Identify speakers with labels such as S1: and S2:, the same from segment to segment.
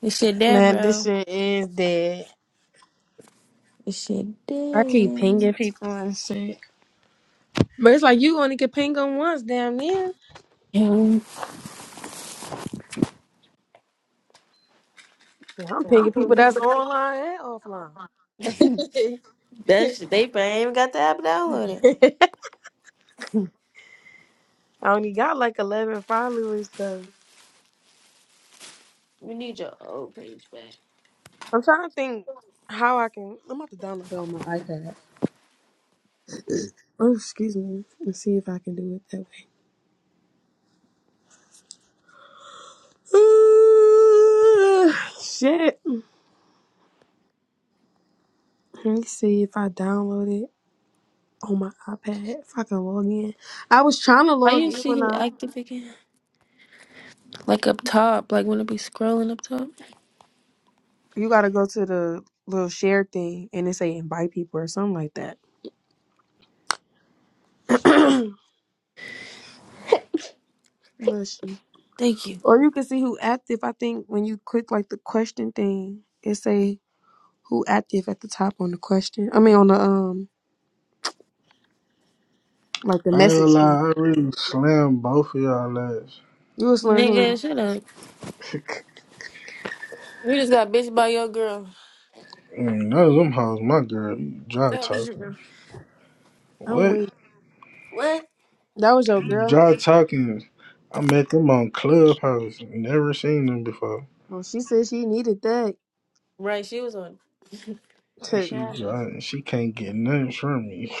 S1: This shit dead,
S2: Man, this
S1: bro.
S2: shit is dead.
S1: This shit
S2: I keep
S1: dead.
S2: pinging people and shit. But it's like you only can ping them once, damn near.
S1: Yeah.
S2: Yeah, I'm pinging people that's online and offline.
S1: That shit, they probably ain't even got the app downloaded.
S2: I only got like 11 followers though.
S1: We need your old page back.
S2: I'm trying to think how I can. I'm about to download it on my iPad. Oh, excuse me. Let's see if I can do it that way. shit. Let me see if I download it. on my iPad. If I can log in, I was trying to
S1: Why
S2: log
S1: you
S2: in
S1: see
S2: when
S1: him
S2: I.
S1: active again? Like up top, like when it be scrolling up top.
S2: You gotta go to the little share thing and it say invite people or something like that. Bless you.
S1: Thank you.
S2: Or you can see who active. I think when you click like the question thing, it say who active at the top on the question. I mean on the um like the
S3: I ain't gonna
S2: message thing.
S3: lie, I really slammed both of y'all ass.
S2: You a slim who?
S1: Nigga, shut up. You just got bitched by your girl.
S3: Mm, None of them hoes, my girl. You dry
S1: That was your
S3: talking.
S1: girl.
S2: I'm
S3: What?
S2: waiting.
S1: What?
S2: That was your
S3: You
S2: girl.
S3: dry talking. I met them on Clubhouse. Never seen them before.
S2: Well, she said she needed that.
S1: Right, she was on
S2: it
S3: She dry
S1: Travis.
S3: and she can't get nothing from me.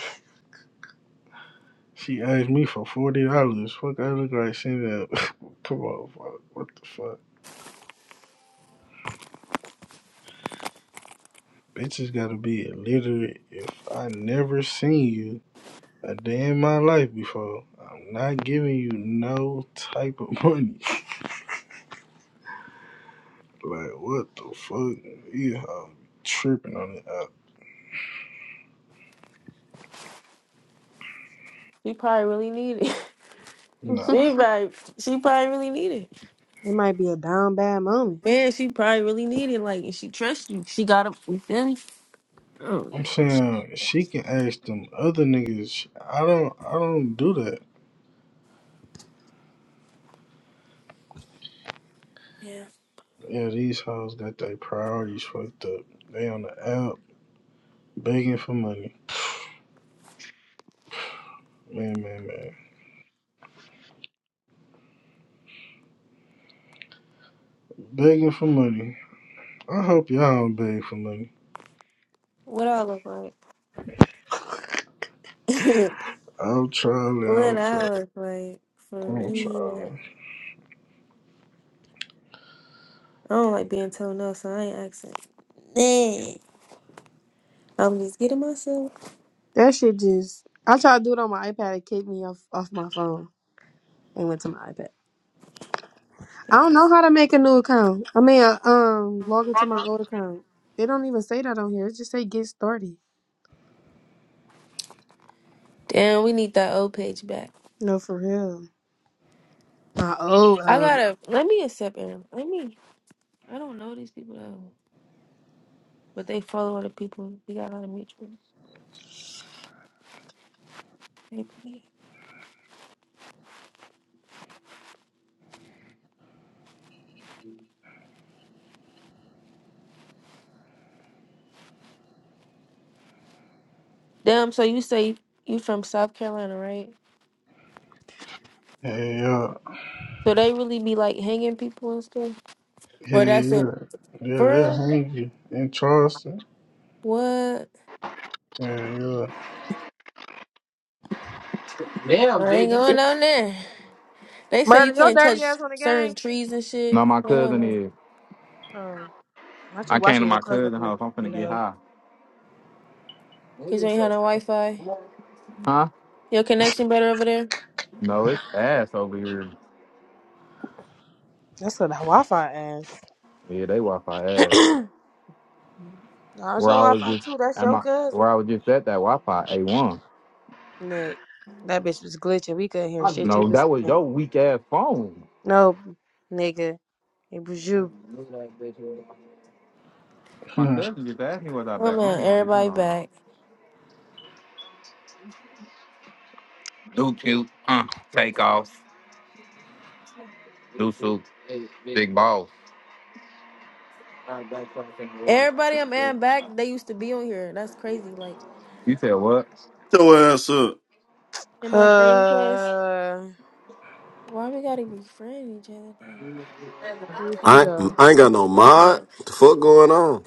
S3: She asked me for forty dollars. Fuck I look like send up. Come on, fuck. What the fuck? Bitches gotta be illiterate if I never seen you. A day in my life before. I'm not giving you no type of money. Like what the fuck? You hoe tripping on it up.
S1: She probably really needed it.
S3: Nah.
S1: She probably, she probably really needed it.
S2: might be a down bad moment.
S1: Man, she probably really needed it. Like, and she trusts you. She got up, you feel me? Mm.
S3: I'm saying she can ask them other niggas. I don't I don't do that.
S1: Yeah.
S3: Yeah, these hoes got their priorities fucked up. They on the app begging for money. Man, man, man. Begging for money. I hope y'all don't beg for money.
S1: What I look like? what
S3: I'll try, it, I'll try.
S1: I
S3: it.
S1: was like, for
S3: I'm
S1: real.
S3: trying.
S1: I don't like being told no, so I ain't asking. Nah. I'm just getting myself.
S2: That shit just. I tried to do it on my iPad. It kicked me off off my phone and went to my iPad. I don't know how to make a new account. I mean, uh, um, log into my old account. They don't even say that on here. It just say get started.
S1: Damn, we need that old page back.
S2: No, for real. My old
S1: I
S2: um,
S1: gotta let me accept Aaron. Let me. I don't know these people though, but they follow other people. We got a lot of mutuals. Maybe. Damn. So you say you from South Carolina, right?
S3: Hey, yeah.
S1: So they really be like hanging people and stuff,
S3: Yeah,
S1: or that's
S3: yeah.
S1: it
S3: Yeah,
S1: for
S3: they'll
S1: real?
S3: hang you in Charleston.
S1: What?
S3: Yeah,
S1: I ain't going on there. They say
S2: murder
S1: you
S2: your
S1: can't
S2: dirty
S1: touch
S2: ass on the game.
S1: certain trees and shit.
S4: No, my
S1: I don't
S4: cousin
S1: know.
S4: is.
S2: Oh, not you
S4: I came to
S2: watching your
S4: my
S2: cousin
S4: cousin's
S2: on the
S4: house. I'm finna
S2: game
S4: get
S2: though.
S4: high.
S1: Cause you ain't had no Wi Fi.
S4: Huh?
S1: Your connection better over there?
S4: No, it's ass over here.
S2: That's what the Wi-Fi ass.
S4: Yeah, they Wi-Fi ass.
S2: Nah, it's your
S4: Where I was
S2: Wi-Fi
S4: just
S2: too. That's
S4: at
S2: your
S4: my, where
S2: cousin.
S4: I was just at that Wi-Fi A1.
S2: Nick, that bitch was glitching. We couldn't hear
S4: I
S2: shit. You
S4: no,
S2: was
S4: that was your weak ass phone.
S2: no, nigga. It was you.
S4: My
S3: yeah.
S4: cousin just asked me was I
S1: Oh
S4: back on
S1: man,
S4: this bitch. Hold
S1: everybody
S4: on.
S1: back.
S4: Do cute, huh? Take off. Do suit. Big balls.
S1: Everybody I'm adding back, they used to be on here. That's crazy. Like
S4: You said what?
S5: your ass up.
S1: in my friend request.
S2: Uh,
S1: Why we gotta be friend each other though?
S2: here he
S5: I
S2: go.
S5: I ain't got no
S1: That's
S5: mod.
S1: what.
S5: What the fuck going on?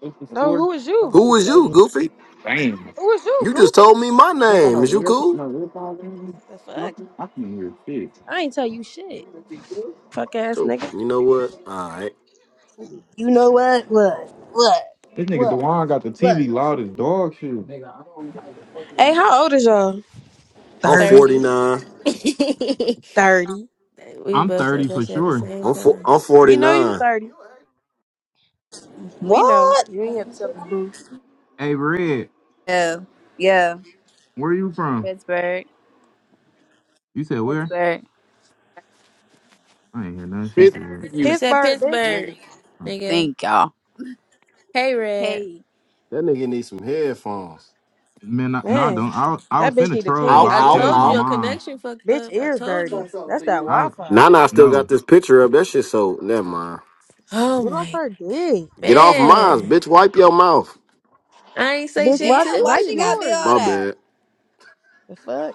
S4: It's the
S2: No,
S4: store.
S2: who is you?
S5: Who is you, Goofy?
S4: Damn. You
S2: Who is you,
S5: You just
S2: Goofy?
S5: told me my
S4: ain't got
S5: name.
S4: no
S5: Is you
S4: earphones,
S5: cool?
S4: no earphones in here?
S2: The fuck?
S4: Nothing. I can hear shit.
S2: I ain't tell you shit. Fuck ass
S5: So
S2: nigga.
S5: you know what? All right.
S2: You know what? What? What?
S4: This nigga
S2: What?
S4: Dewan got the
S2: What?
S4: TV loud as dog shit. Nigga, I don't have the fucking
S2: Hey,
S4: remote.
S2: how old is y'all?
S5: I'm
S2: 30.
S1: Thirty.
S5: 49.
S2: 30.
S1: we
S4: I'm
S1: both said
S4: 30
S1: that
S4: for
S1: shit at the
S4: sure.
S1: same
S5: I'm for,
S1: time.
S5: I'm
S2: We know you
S5: 49.
S2: 30. We know.
S6: What?
S2: You ain't have to tell us, boo.
S4: Hey, Red,
S6: Oh, yeah.
S4: where you from?
S6: Pittsburgh.
S4: You said where?
S6: Pittsburgh.
S4: I ain't hear nothing she
S5: Bitch,
S4: said.
S5: fuck
S1: He
S5: you
S1: said
S2: Pittsburgh, bitch.
S1: Pittsburgh,
S5: nigga.
S4: Uh,
S1: nigga.
S6: Thank y'all.
S1: Hey Red.
S6: Hey.
S5: That nigga needs some headphones.
S4: Man, I, no, I
S2: Man,
S4: don't. I, I
S2: that
S4: was
S2: bitch
S4: finna
S2: need to
S4: troll,
S2: clean
S4: but
S5: Ow,
S2: his
S1: I
S4: I
S5: ow,
S4: changed
S1: told you
S4: my
S5: ow.
S2: ears.
S1: your
S4: mind.
S1: connection fucked
S2: Bitch,
S1: up. I
S2: ears
S1: told you.
S2: dirty. That's that
S4: I was,
S2: Wi-Fi.
S5: Nana I still
S4: no.
S5: got this picture up. That shit so never mind.
S1: Oh
S2: Get off
S1: my
S2: her dick.
S5: Get off mine,
S1: man.
S5: bitch. Wipe your mouth.
S1: I ain't say
S2: Bitch,
S1: shit
S6: Damn,
S2: wipe,
S6: why
S2: wipe
S6: she
S1: to
S6: gotta be all
S2: yours.
S5: My
S6: that?
S5: bad.
S2: The fuck?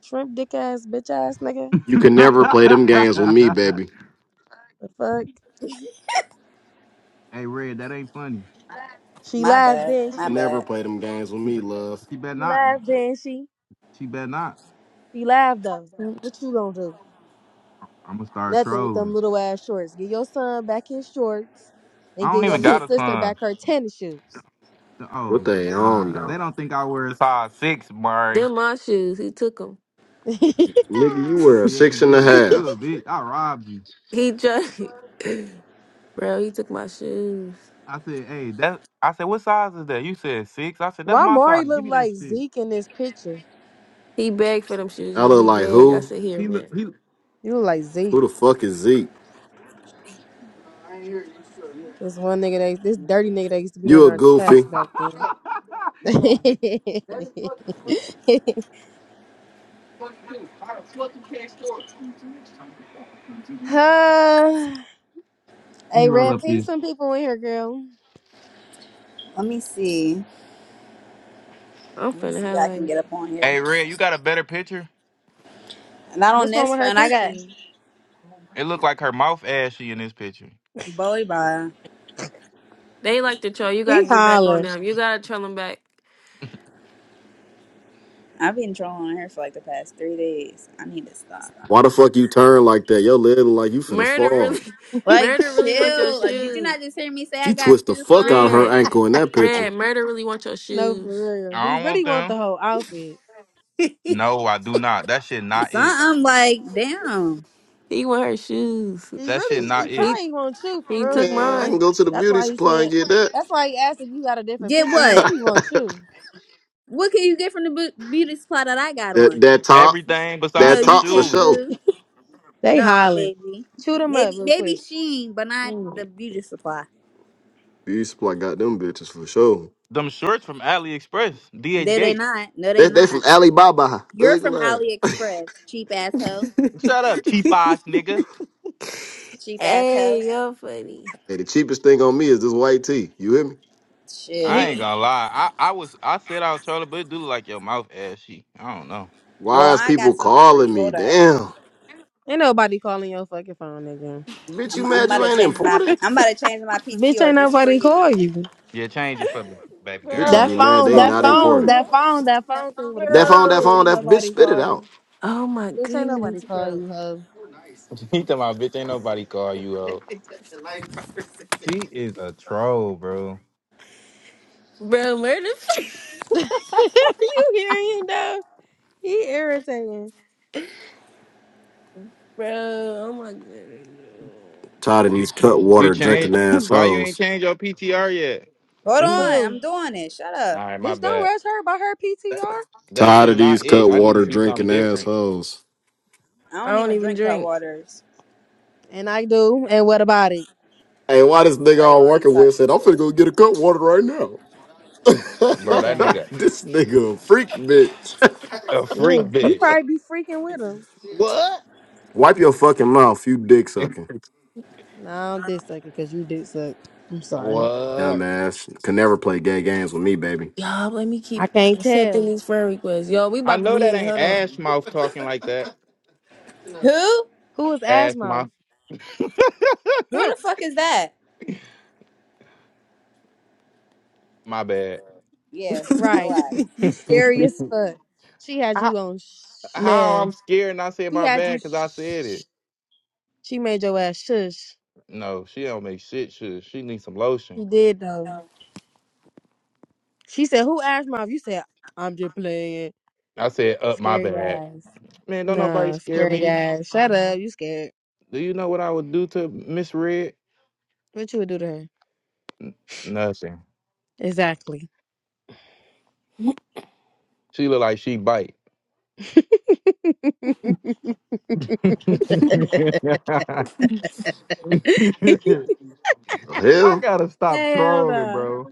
S2: Shrimp dick ass bitch ass nigga.
S5: You
S4: hey,
S5: can never play them games with me, baby. You
S2: The fuck?
S4: Red, that ain't funny.
S2: She
S6: My
S2: laughed,
S6: bad.
S2: didn't
S6: My
S5: can
S2: she?
S5: never
S6: bad.
S5: play them games with
S4: She,
S5: me,
S4: be-
S5: love.
S4: she better
S2: She
S4: not.
S2: laughed, didn't she?
S4: She better not.
S2: She laughed though.
S1: you.
S2: What you gonna do?
S4: I'm gonna start
S2: Nothing with them
S4: trolling.
S2: little ass shorts. Get your son back his shorts and
S4: I
S2: get
S4: don't
S2: your
S4: even
S2: little
S4: got a
S2: sister
S4: son.
S2: back her tennis shoes.
S4: Oh
S5: What
S4: my
S5: they on
S4: god, they
S5: though?
S4: don't think I wear a size six, Murray.
S1: Them my shoes. He took them.
S5: Nigga, you wear a
S4: Yeah, cause
S5: six and
S4: you
S5: a
S4: a you a
S5: half.
S4: bitch. I robbed you.
S1: He tried. Bro, he took my shoes.
S4: I said, hey, that. I said, what size is that? You said six. I said, that's
S2: Why
S4: my
S2: Mari
S4: size. Give
S2: look
S4: me that
S2: like
S4: shit.
S2: Zeke in this picture?
S1: He begged for them shoes,
S5: I
S1: yo.
S5: look
S1: He
S5: like
S1: begged. I
S5: who?
S1: said, here,
S4: He look.
S1: man.
S4: He. Look.
S2: You look like Zeke.
S5: Who the fuck is Zeke?
S2: This one nigga that this dirty nigga that used to be in
S5: You a
S2: our
S5: goofy.
S2: chats back then. huh?
S4: Let me
S2: Hey,
S4: roll
S2: Red,
S4: up
S2: ping
S4: this.
S2: some people in here, girl.
S6: Let me see.
S1: I'm
S6: Let me
S1: finna
S6: see if
S1: have
S6: I can
S1: like
S6: get up on here.
S4: Hey, Red, you got a better picture?
S6: Not on
S2: What's wrong
S6: this
S2: with her
S6: phone. I got
S2: picture?
S4: It looked like her mouth ashy in this picture.
S6: Bowie by.
S1: they like to troll. You gotta
S2: He
S1: get back on
S2: hollering.
S1: them. You gotta troll them back.
S6: I've been trolling on her for like the past three days. I need to stop.
S5: Why the fuck you turn like that? Your leg look like you finna
S1: Murder
S5: fall.
S1: really,
S6: Like,
S1: murder really want your
S6: chill. Like, did you
S1: shoes.
S6: not just hear me say I
S5: She
S6: got
S5: twist the
S6: two
S5: fuck out of
S6: phones?
S5: her
S1: Red,
S5: ankle in that picture.
S1: red. Murder really want your
S2: No, for
S1: shoes.
S2: real. He
S4: I don't want
S2: really want the
S4: them.
S2: whole outfit.
S1: he
S4: No, I do not. That shit not it.
S6: Something like, damn.
S1: want her shoes.
S2: He
S4: That shit
S2: really, he
S4: not it.
S1: He
S2: probably want you for
S1: he
S2: real,
S1: took
S2: for
S5: Man, I
S2: real.
S5: can
S1: mine.
S5: go to the
S2: That's
S5: beauty
S2: why he
S5: supply
S2: said.
S5: and get that.
S2: That's why he asked if you got a different
S6: Get
S2: picture. He
S6: what?
S2: really want you.
S6: What can you get from the bu- beauty supply that I got
S5: that
S6: on?
S5: that top.
S4: Everything
S6: No,
S4: besides
S5: That
S4: them
S6: you
S5: top for
S6: can't,
S4: shoes,
S5: sure.
S6: boo.
S2: They
S6: No,
S2: hollering.
S6: baby.
S2: Chew them up
S6: Maybe
S2: real
S6: maybe
S2: quick.
S6: Sheen, but not
S1: Mm.
S6: the beauty supply.
S5: Beauty supply got them bitches for sure.
S4: them shorts from AliExpress, DH
S6: No, they
S4: Gates.
S6: not. No, they
S5: They, they from
S6: not.
S5: Alibaba.
S6: You're from
S5: Ugly. ass.
S6: AliExpress, cheap asshole.
S4: Shut up, cheap ass nigga.
S6: Cheap asshole.
S1: Hey, you're funny.
S5: Hey, the cheapest thing on me is this white tee. You hear me?
S4: I
S2: We
S4: ain't
S6: Shit.
S4: gonna lie. I, I was I said I was trolling, but it do look like your mouth ashy. I don't know.
S6: Well,
S5: Why is
S6: I
S5: people
S6: got something for
S5: calling
S6: you.
S5: me?
S6: Hold up.
S5: Damn.
S2: ain't nobody calling your fucking phone nigga.
S5: Bitch, you
S6: I'm I'm
S5: mad
S6: about
S5: you
S6: to
S5: ain't
S6: change my
S5: important?
S6: I'm about to change my
S2: Bitch, ain't
S6: PTR just for
S2: nobody
S6: you.
S2: call you.
S4: Yeah, change it for me, baby
S1: Bro,
S4: girl.
S5: Bitches
S2: That
S5: be
S1: Oh
S5: mad
S1: my
S2: phone,
S5: they
S2: that
S5: not
S1: goodness,
S2: phone,
S5: important.
S2: that
S1: bro.
S2: phone, that phone thing would have
S5: That
S2: popped
S5: phone,
S2: up.
S5: that
S2: Bitch,
S1: Bro,
S5: phone,
S2: ain't
S5: that bitch
S2: nobody
S5: spit it
S2: call
S5: out.
S2: you.
S1: Oh my
S2: Bitch, ain't nobody
S1: goodness,
S2: call
S1: bro.
S2: you, hoe.
S4: he talking about bitch. Ain't nobody call you old. She is a troll, bro.
S1: Bro, where the f-
S2: you hear though? He irritating.
S1: Bro, oh my goodness.
S5: Tired of these cut
S4: You
S5: water drinking
S4: change. Why you ain't
S5: assholes.
S4: change your PTR yet?
S6: Hold on.
S1: Mm.
S2: Who?
S6: I'm doing it. Shut up.
S4: All right, my
S2: Bitch, don't
S4: bad.
S2: rush her by her PTR.
S4: That
S5: Tired
S4: shit
S5: of these
S4: not
S5: cut
S4: it. I need to
S5: water
S4: see something
S5: drinking
S4: different,
S5: assholes.
S6: I
S1: I
S6: don't
S1: don't
S6: even
S1: even
S6: drink hot
S1: drink.
S6: waters.
S2: And I do. And what about it?
S5: Hey, why this nigga
S6: Right
S5: I'm
S6: while you
S5: working with
S6: talking
S5: said, I'm finna
S6: shit.
S5: go get a cut water right now.
S4: bro.
S2: Look
S4: That
S2: at you.
S4: nigga
S5: this nigga a freak bitch.
S4: a freak
S2: Yeah, you
S4: bitch.
S2: probably be freaking with him.
S4: What?
S5: Wipe your fucking mouth, you dick sucking.
S2: No, I'm dick sucking because you dick suck. I'm sorry.
S4: What?
S5: Dumbass. Can never play gay games with me, baby.
S1: Y'all, let me
S2: I
S1: keep
S2: can't
S1: accepting
S2: tell.
S1: these friend requests. Yo, we
S4: I
S1: about to
S4: know
S1: be
S4: that
S1: in
S4: ain't
S1: hold on.
S4: ass mouth talking like that.
S6: Who?
S2: Who is
S4: Ass
S2: ass mouth?
S4: mouth.
S6: Who the fuck is that?
S4: my bad.
S6: Yeah,
S2: Right.
S6: relax.
S2: You scary as fuck. She had
S4: I,
S2: you on. Sh-
S4: How
S1: Man.
S4: I'm scared and I said
S2: she
S4: my
S2: had you.
S4: bad because I said
S2: Sh-
S4: it.
S2: she made your ass shush.
S4: No, she don't make shit. She, she needs some
S2: She
S4: lotion.
S2: did though. She said, "Who ass mouth?" You said, "I'm just playing."
S4: I said up my
S2: Scary
S4: bad.
S2: ass.
S4: Man, don't nobody
S2: No,
S4: scare
S2: scary
S4: me.
S2: ass. Shut up. You scared.
S4: Do you know what I would do to Miss Red?
S2: What you would do to her?
S4: Nothing.
S2: Exactly.
S4: She look like she bite. I
S5: Oh, hell.
S4: gotta stop
S2: Hell
S4: trolling,
S2: no.
S4: bro.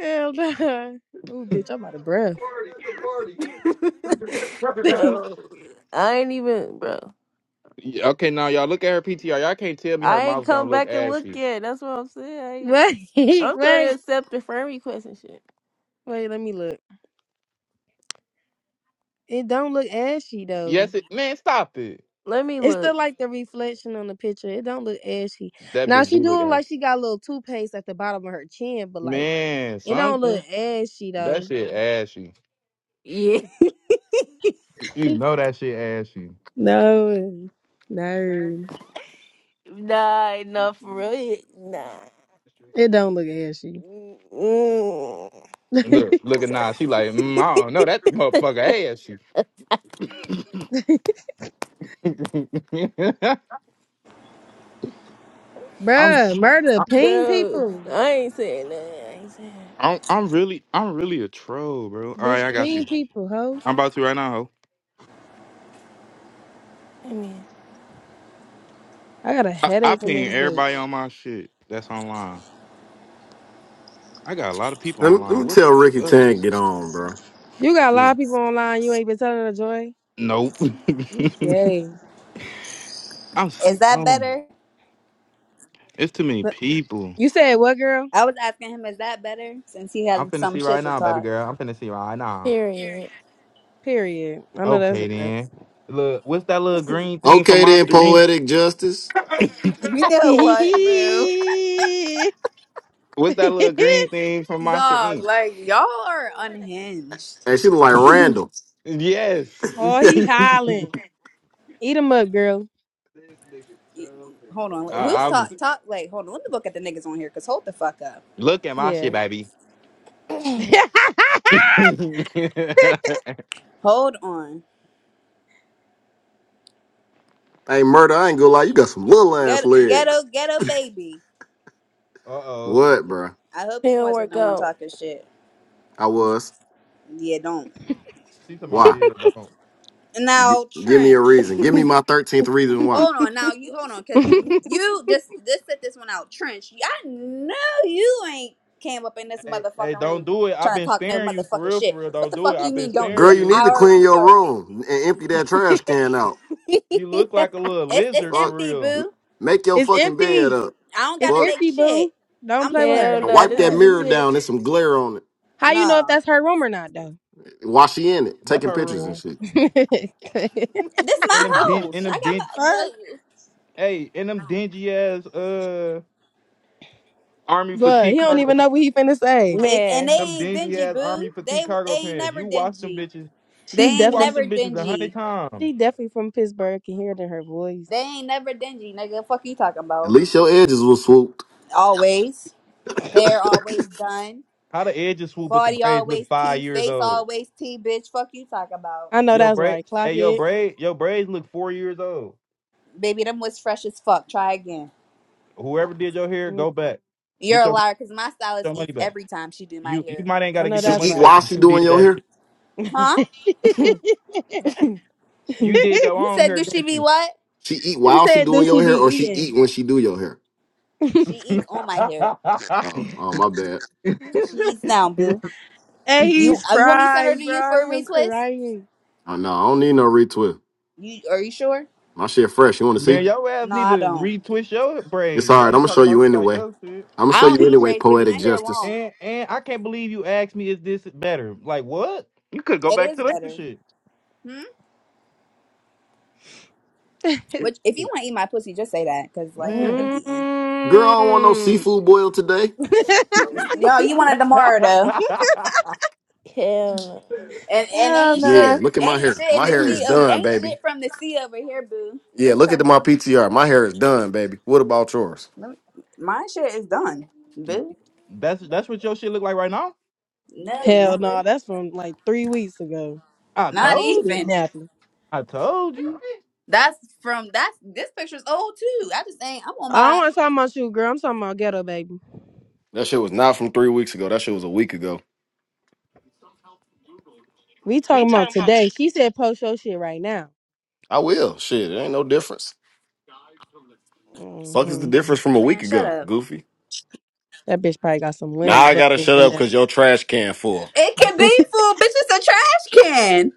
S2: Hell no. Ooh, bitch, I'm out of breath. wait,
S1: bro. I ain't even bro.
S4: Yeah, Okay, now y'all look at her PTR. Y'all can't tell me her
S1: I ain't
S4: mouth
S1: come
S4: don't look
S1: back and look
S4: ashy.
S1: yet. That's what I'm saying. I
S2: wait,
S1: ain't, I'm trying to accept the friend requests and shit.
S2: wait. Let me look. It don't look ashy though.
S4: Yes, it man, stop it.
S1: Let me
S2: It's
S1: look.
S2: still like the reflection on the picture. It don't look ashy.
S4: That
S2: Now
S4: bitch
S2: she
S4: do look
S2: doing
S4: ashy.
S2: like she got a little toothpaste at the bottom of her chin, but like
S4: Man,
S2: it don't
S4: something.
S2: look ashy
S4: That
S2: though.
S4: shit ashy.
S1: Yeah.
S4: You know that shit ashy.
S2: No, no,
S1: Nah, enough for real. Yeah, Nah.
S2: it don't look ashy,
S1: Mm-mm.
S4: Look, look at now. She like, mm, I don't know that motherfucker ashy. I'm,
S2: bruh.
S4: s-
S2: Murder,
S4: I-
S2: ping
S1: Bro,
S2: people,
S1: I ain't saying that. I ain't saying
S4: I'm, I'm really, I'm really a troll, bro. All
S2: bitch,
S4: right, I got
S2: ping
S4: you.
S2: people, ho.
S4: I'm about to right now. Ho.
S1: I mean,
S2: I got a
S4: I, I
S2: headache in
S4: ping
S2: this
S4: everybody
S2: bitch.
S4: on my shit. That's online. I got a lot of people
S5: Let me, let
S4: online.
S5: me
S4: What
S5: tell
S4: the
S5: Ricky
S4: fuck?
S5: Tang get on, bro.
S2: You got a
S4: Yeah.
S2: lot of people online. You ain't been telling the joy.
S4: Nope.
S2: You gay.
S4: I'm. s-
S6: Is that
S4: Um,
S6: better?
S4: it's too many
S2: But-
S4: people.
S2: You said what, girl?
S6: I was asking him, is that better? Since he has
S4: I'm finna
S6: some
S4: see
S6: shit
S4: right
S6: to
S4: now, baby
S6: talk.
S4: girl. I'm finna see right now.
S1: period.
S2: Period. I know that's
S4: Okay
S2: right.
S4: then. Look, what's that little green thing from
S5: Okay then,
S4: Monster Inc?
S5: poetic justice.
S6: You know what, bro?
S4: What's that little green thing from Monster
S6: Dog,
S4: Inc?
S6: like y'all are unhinged.
S5: Hey, she look like
S1: it
S5: Randall.
S4: Yes.
S2: oh, he hollering. Eat him up, girl.
S6: Y- Hold on, like, who's
S4: I, I'm
S6: talk talk? Like, hold on, let me look at the niggas on here. Cause hold the fuck up.
S4: look at my
S2: Yeah.
S4: shit, baby.
S6: Hold on,
S5: Hey, murder, I ain't gonna lie, you got some little ass
S6: Get, ghetto
S5: legs.
S6: ghetto baby.
S4: Uh oh.
S5: What, bruh?
S6: I hope you
S1: don't
S6: wasn't
S1: work
S6: the one
S1: out.
S6: talking shit.
S5: I was.
S6: Yeah, don't.
S4: She talking about
S5: Why?
S4: yeah, don't.
S5: G-
S6: Now
S5: give me a
S6: Trench.
S5: reason. Give me my 13th reason why.
S6: Hold on now, you hold on, cause you just just set this one out, Trench. I know you ain't came up in this
S4: Hey, hey,
S6: motherfucking
S4: don't
S6: room
S4: do it. I've
S6: trying to
S4: been
S6: talk no
S4: sparing you for
S6: motherfucking
S4: real, for
S6: shit.
S4: real.
S6: What
S4: Don't
S6: the
S4: do it.
S6: fuck you
S4: I've been
S6: mean? Don't do
S5: Girl,
S4: sparing
S6: it.
S5: you
S4: you.
S5: need
S6: I
S5: to
S6: already
S5: clean your
S6: started.
S5: room and empty that trash can out.
S4: You look like a little
S6: It's it's
S4: lizard for
S5: Fuck.
S6: empty,
S4: real.
S5: M-
S6: boo.
S5: Make your
S2: it's
S5: fucking bed
S2: empty.
S5: up.
S6: I don't got
S2: It's
S6: to
S5: Fuck.
S6: make
S2: empty,
S6: shit.
S2: boo. Don't
S6: I'm
S2: play with
S6: sleeping
S1: Hell
S2: her.
S6: in
S5: And
S1: no,
S6: that
S5: wipe
S1: this
S5: that
S6: hoe.
S1: nigga
S5: mirror down.
S1: shit.
S5: There's some glare on it.
S2: How you know if
S6: No,
S2: that's her room or not, though?
S5: While she in it,
S4: That's
S5: taking
S4: her
S5: pictures and
S4: room.
S5: shit.
S2: Fuck.
S6: this
S4: In
S6: my
S4: them din
S6: house.
S4: in
S6: I
S4: them
S6: got
S4: din
S6: my look,
S4: hey, in them dingy ass uh army
S2: But
S4: fatigue
S2: he don't
S4: cargo
S2: even
S4: pants.
S2: know what he finna say.
S6: it, and they
S1: Man.
S4: Them
S6: ain't
S4: dingy
S6: dingy,
S4: ass army
S6: boo. They
S4: fatigue
S6: they
S4: cargo
S6: ain't
S4: pants.
S6: never
S4: You watch them
S6: dingy.
S4: bitches.
S6: They
S2: She
S4: You
S6: ain't
S2: definitely,
S4: watched
S6: never
S4: them bitches a hundred
S6: dingy.
S4: times.
S2: she definitely from Pittsburgh. Can hear it in her voice.
S6: They ain't never dingy, nigga. Fuck you talking
S5: At
S6: about
S5: least your edges was swooped.
S6: always. Hair always done.
S4: How the edges swoop, but the
S6: Body
S4: braids
S6: always
S4: look five
S6: tea.
S4: years
S6: Face
S4: old.
S6: always tea, bitch. Fuck you talking about.
S2: I know
S4: Yo
S2: that's
S4: braid,
S2: right. Clock
S4: hey yo
S2: it.
S4: braid, yo braids look four years old.
S6: Baby, them was fresh as fuck. Try again.
S4: Whoever did your hair,
S2: Mm,
S4: go back,
S6: You're
S4: get
S6: a
S4: your,
S6: liar because my stylist
S4: your money
S6: eats
S4: back.
S6: every time she do my
S4: You you
S6: hair.
S4: might ain't got
S2: I
S4: to
S2: know
S4: get
S5: She
S4: your
S2: that's
S4: money
S5: eat
S4: back
S5: while
S2: right.
S4: because
S5: she
S4: you
S5: doing
S4: did
S5: your
S4: that.
S5: hair?
S4: Shit.
S6: Huh?
S4: You did your
S6: You
S4: own
S6: said
S4: hair,
S6: does she
S4: didn't
S6: be
S4: you?
S6: what?
S5: She eat
S2: he
S5: while she
S2: said, "Do
S5: doing your
S2: she be
S5: hair or she eat
S2: eating?"
S5: when she do your hair?
S6: She eats on my hair.
S5: Oh, oh, my bad.
S6: She eats down, boo.
S2: And
S6: You
S2: he's
S6: uh, you want me to send her to
S2: fried, bro.
S6: you for a
S2: I'm
S6: retwist?
S2: crying.
S5: Oh, no, I don't need no retwist.
S6: You are you sure?
S5: My shit fresh. You want to see?
S4: Man, your ass
S6: No,
S4: need
S6: I
S4: to
S6: don't.
S4: retwist your
S5: It's
S4: braids.
S5: all
S4: Why
S5: right. I'm
S4: you
S5: gonna
S4: talking
S5: show
S4: about
S5: you
S4: somebody
S5: anyway.
S4: else shit?
S5: I'm gonna
S6: I
S5: show
S6: don't
S5: you
S2: mm.
S6: need
S5: anyway.
S6: braids, baby. My
S5: Poetic
S6: hair
S5: justice.
S6: long.
S4: And and I can't believe you asked me, is this better? Like what? You could go
S6: It
S4: back to
S6: is
S4: that
S6: better.
S4: shit.
S6: Hmm?
S4: This
S6: Which if you
S4: shit.
S6: want to eat my pussy, just say that. Cause like
S4: Man.
S6: you're dick eating.
S5: Girl, I don't want no seafood boil today.
S6: No, you wanted tomorrow though.
S1: Hell no.
S6: And and
S2: Hell
S6: ain't
S2: no.
S5: Yeah,
S6: shit
S5: look at my
S6: ain't
S5: hair.
S6: shit in
S5: My
S6: the
S5: hair is
S6: sea of
S5: done,
S6: ain't shit
S5: baby.
S6: from the sea over here, boo.
S5: Yeah,
S6: This
S5: look at
S6: come
S5: my PTR. My hair is done, baby. What about yours?
S6: let me, my shit is done, boo.
S4: that's that's what your shit look like right now.
S6: No,
S2: Hell
S6: never.
S2: no, that's from like three weeks ago.
S4: I
S6: Not
S2: Bitch
S4: told you.
S6: even.
S2: kidnapping.
S4: I told you.
S6: That's from that's this picture's old too. I just ain't I'm on
S2: I don't
S6: my
S2: want to talk about you, girl. I'm talking about ghetto baby.
S5: That shit was not from three weeks ago. That shit was a week ago.
S2: We talking about today. She said post your shit right now.
S5: I will. Shit, it ain't no difference. Fuck is the
S2: hmm
S5: difference from a
S6: man,
S5: week
S6: shut
S5: ago,
S6: up.
S5: Goofy?
S2: That bitch probably got some
S5: Now
S2: limp
S5: I gotta
S2: bubbles
S5: shut
S2: in
S5: up
S2: that.
S5: because your trash can full.
S6: It can be full, bitch, it's a trash can.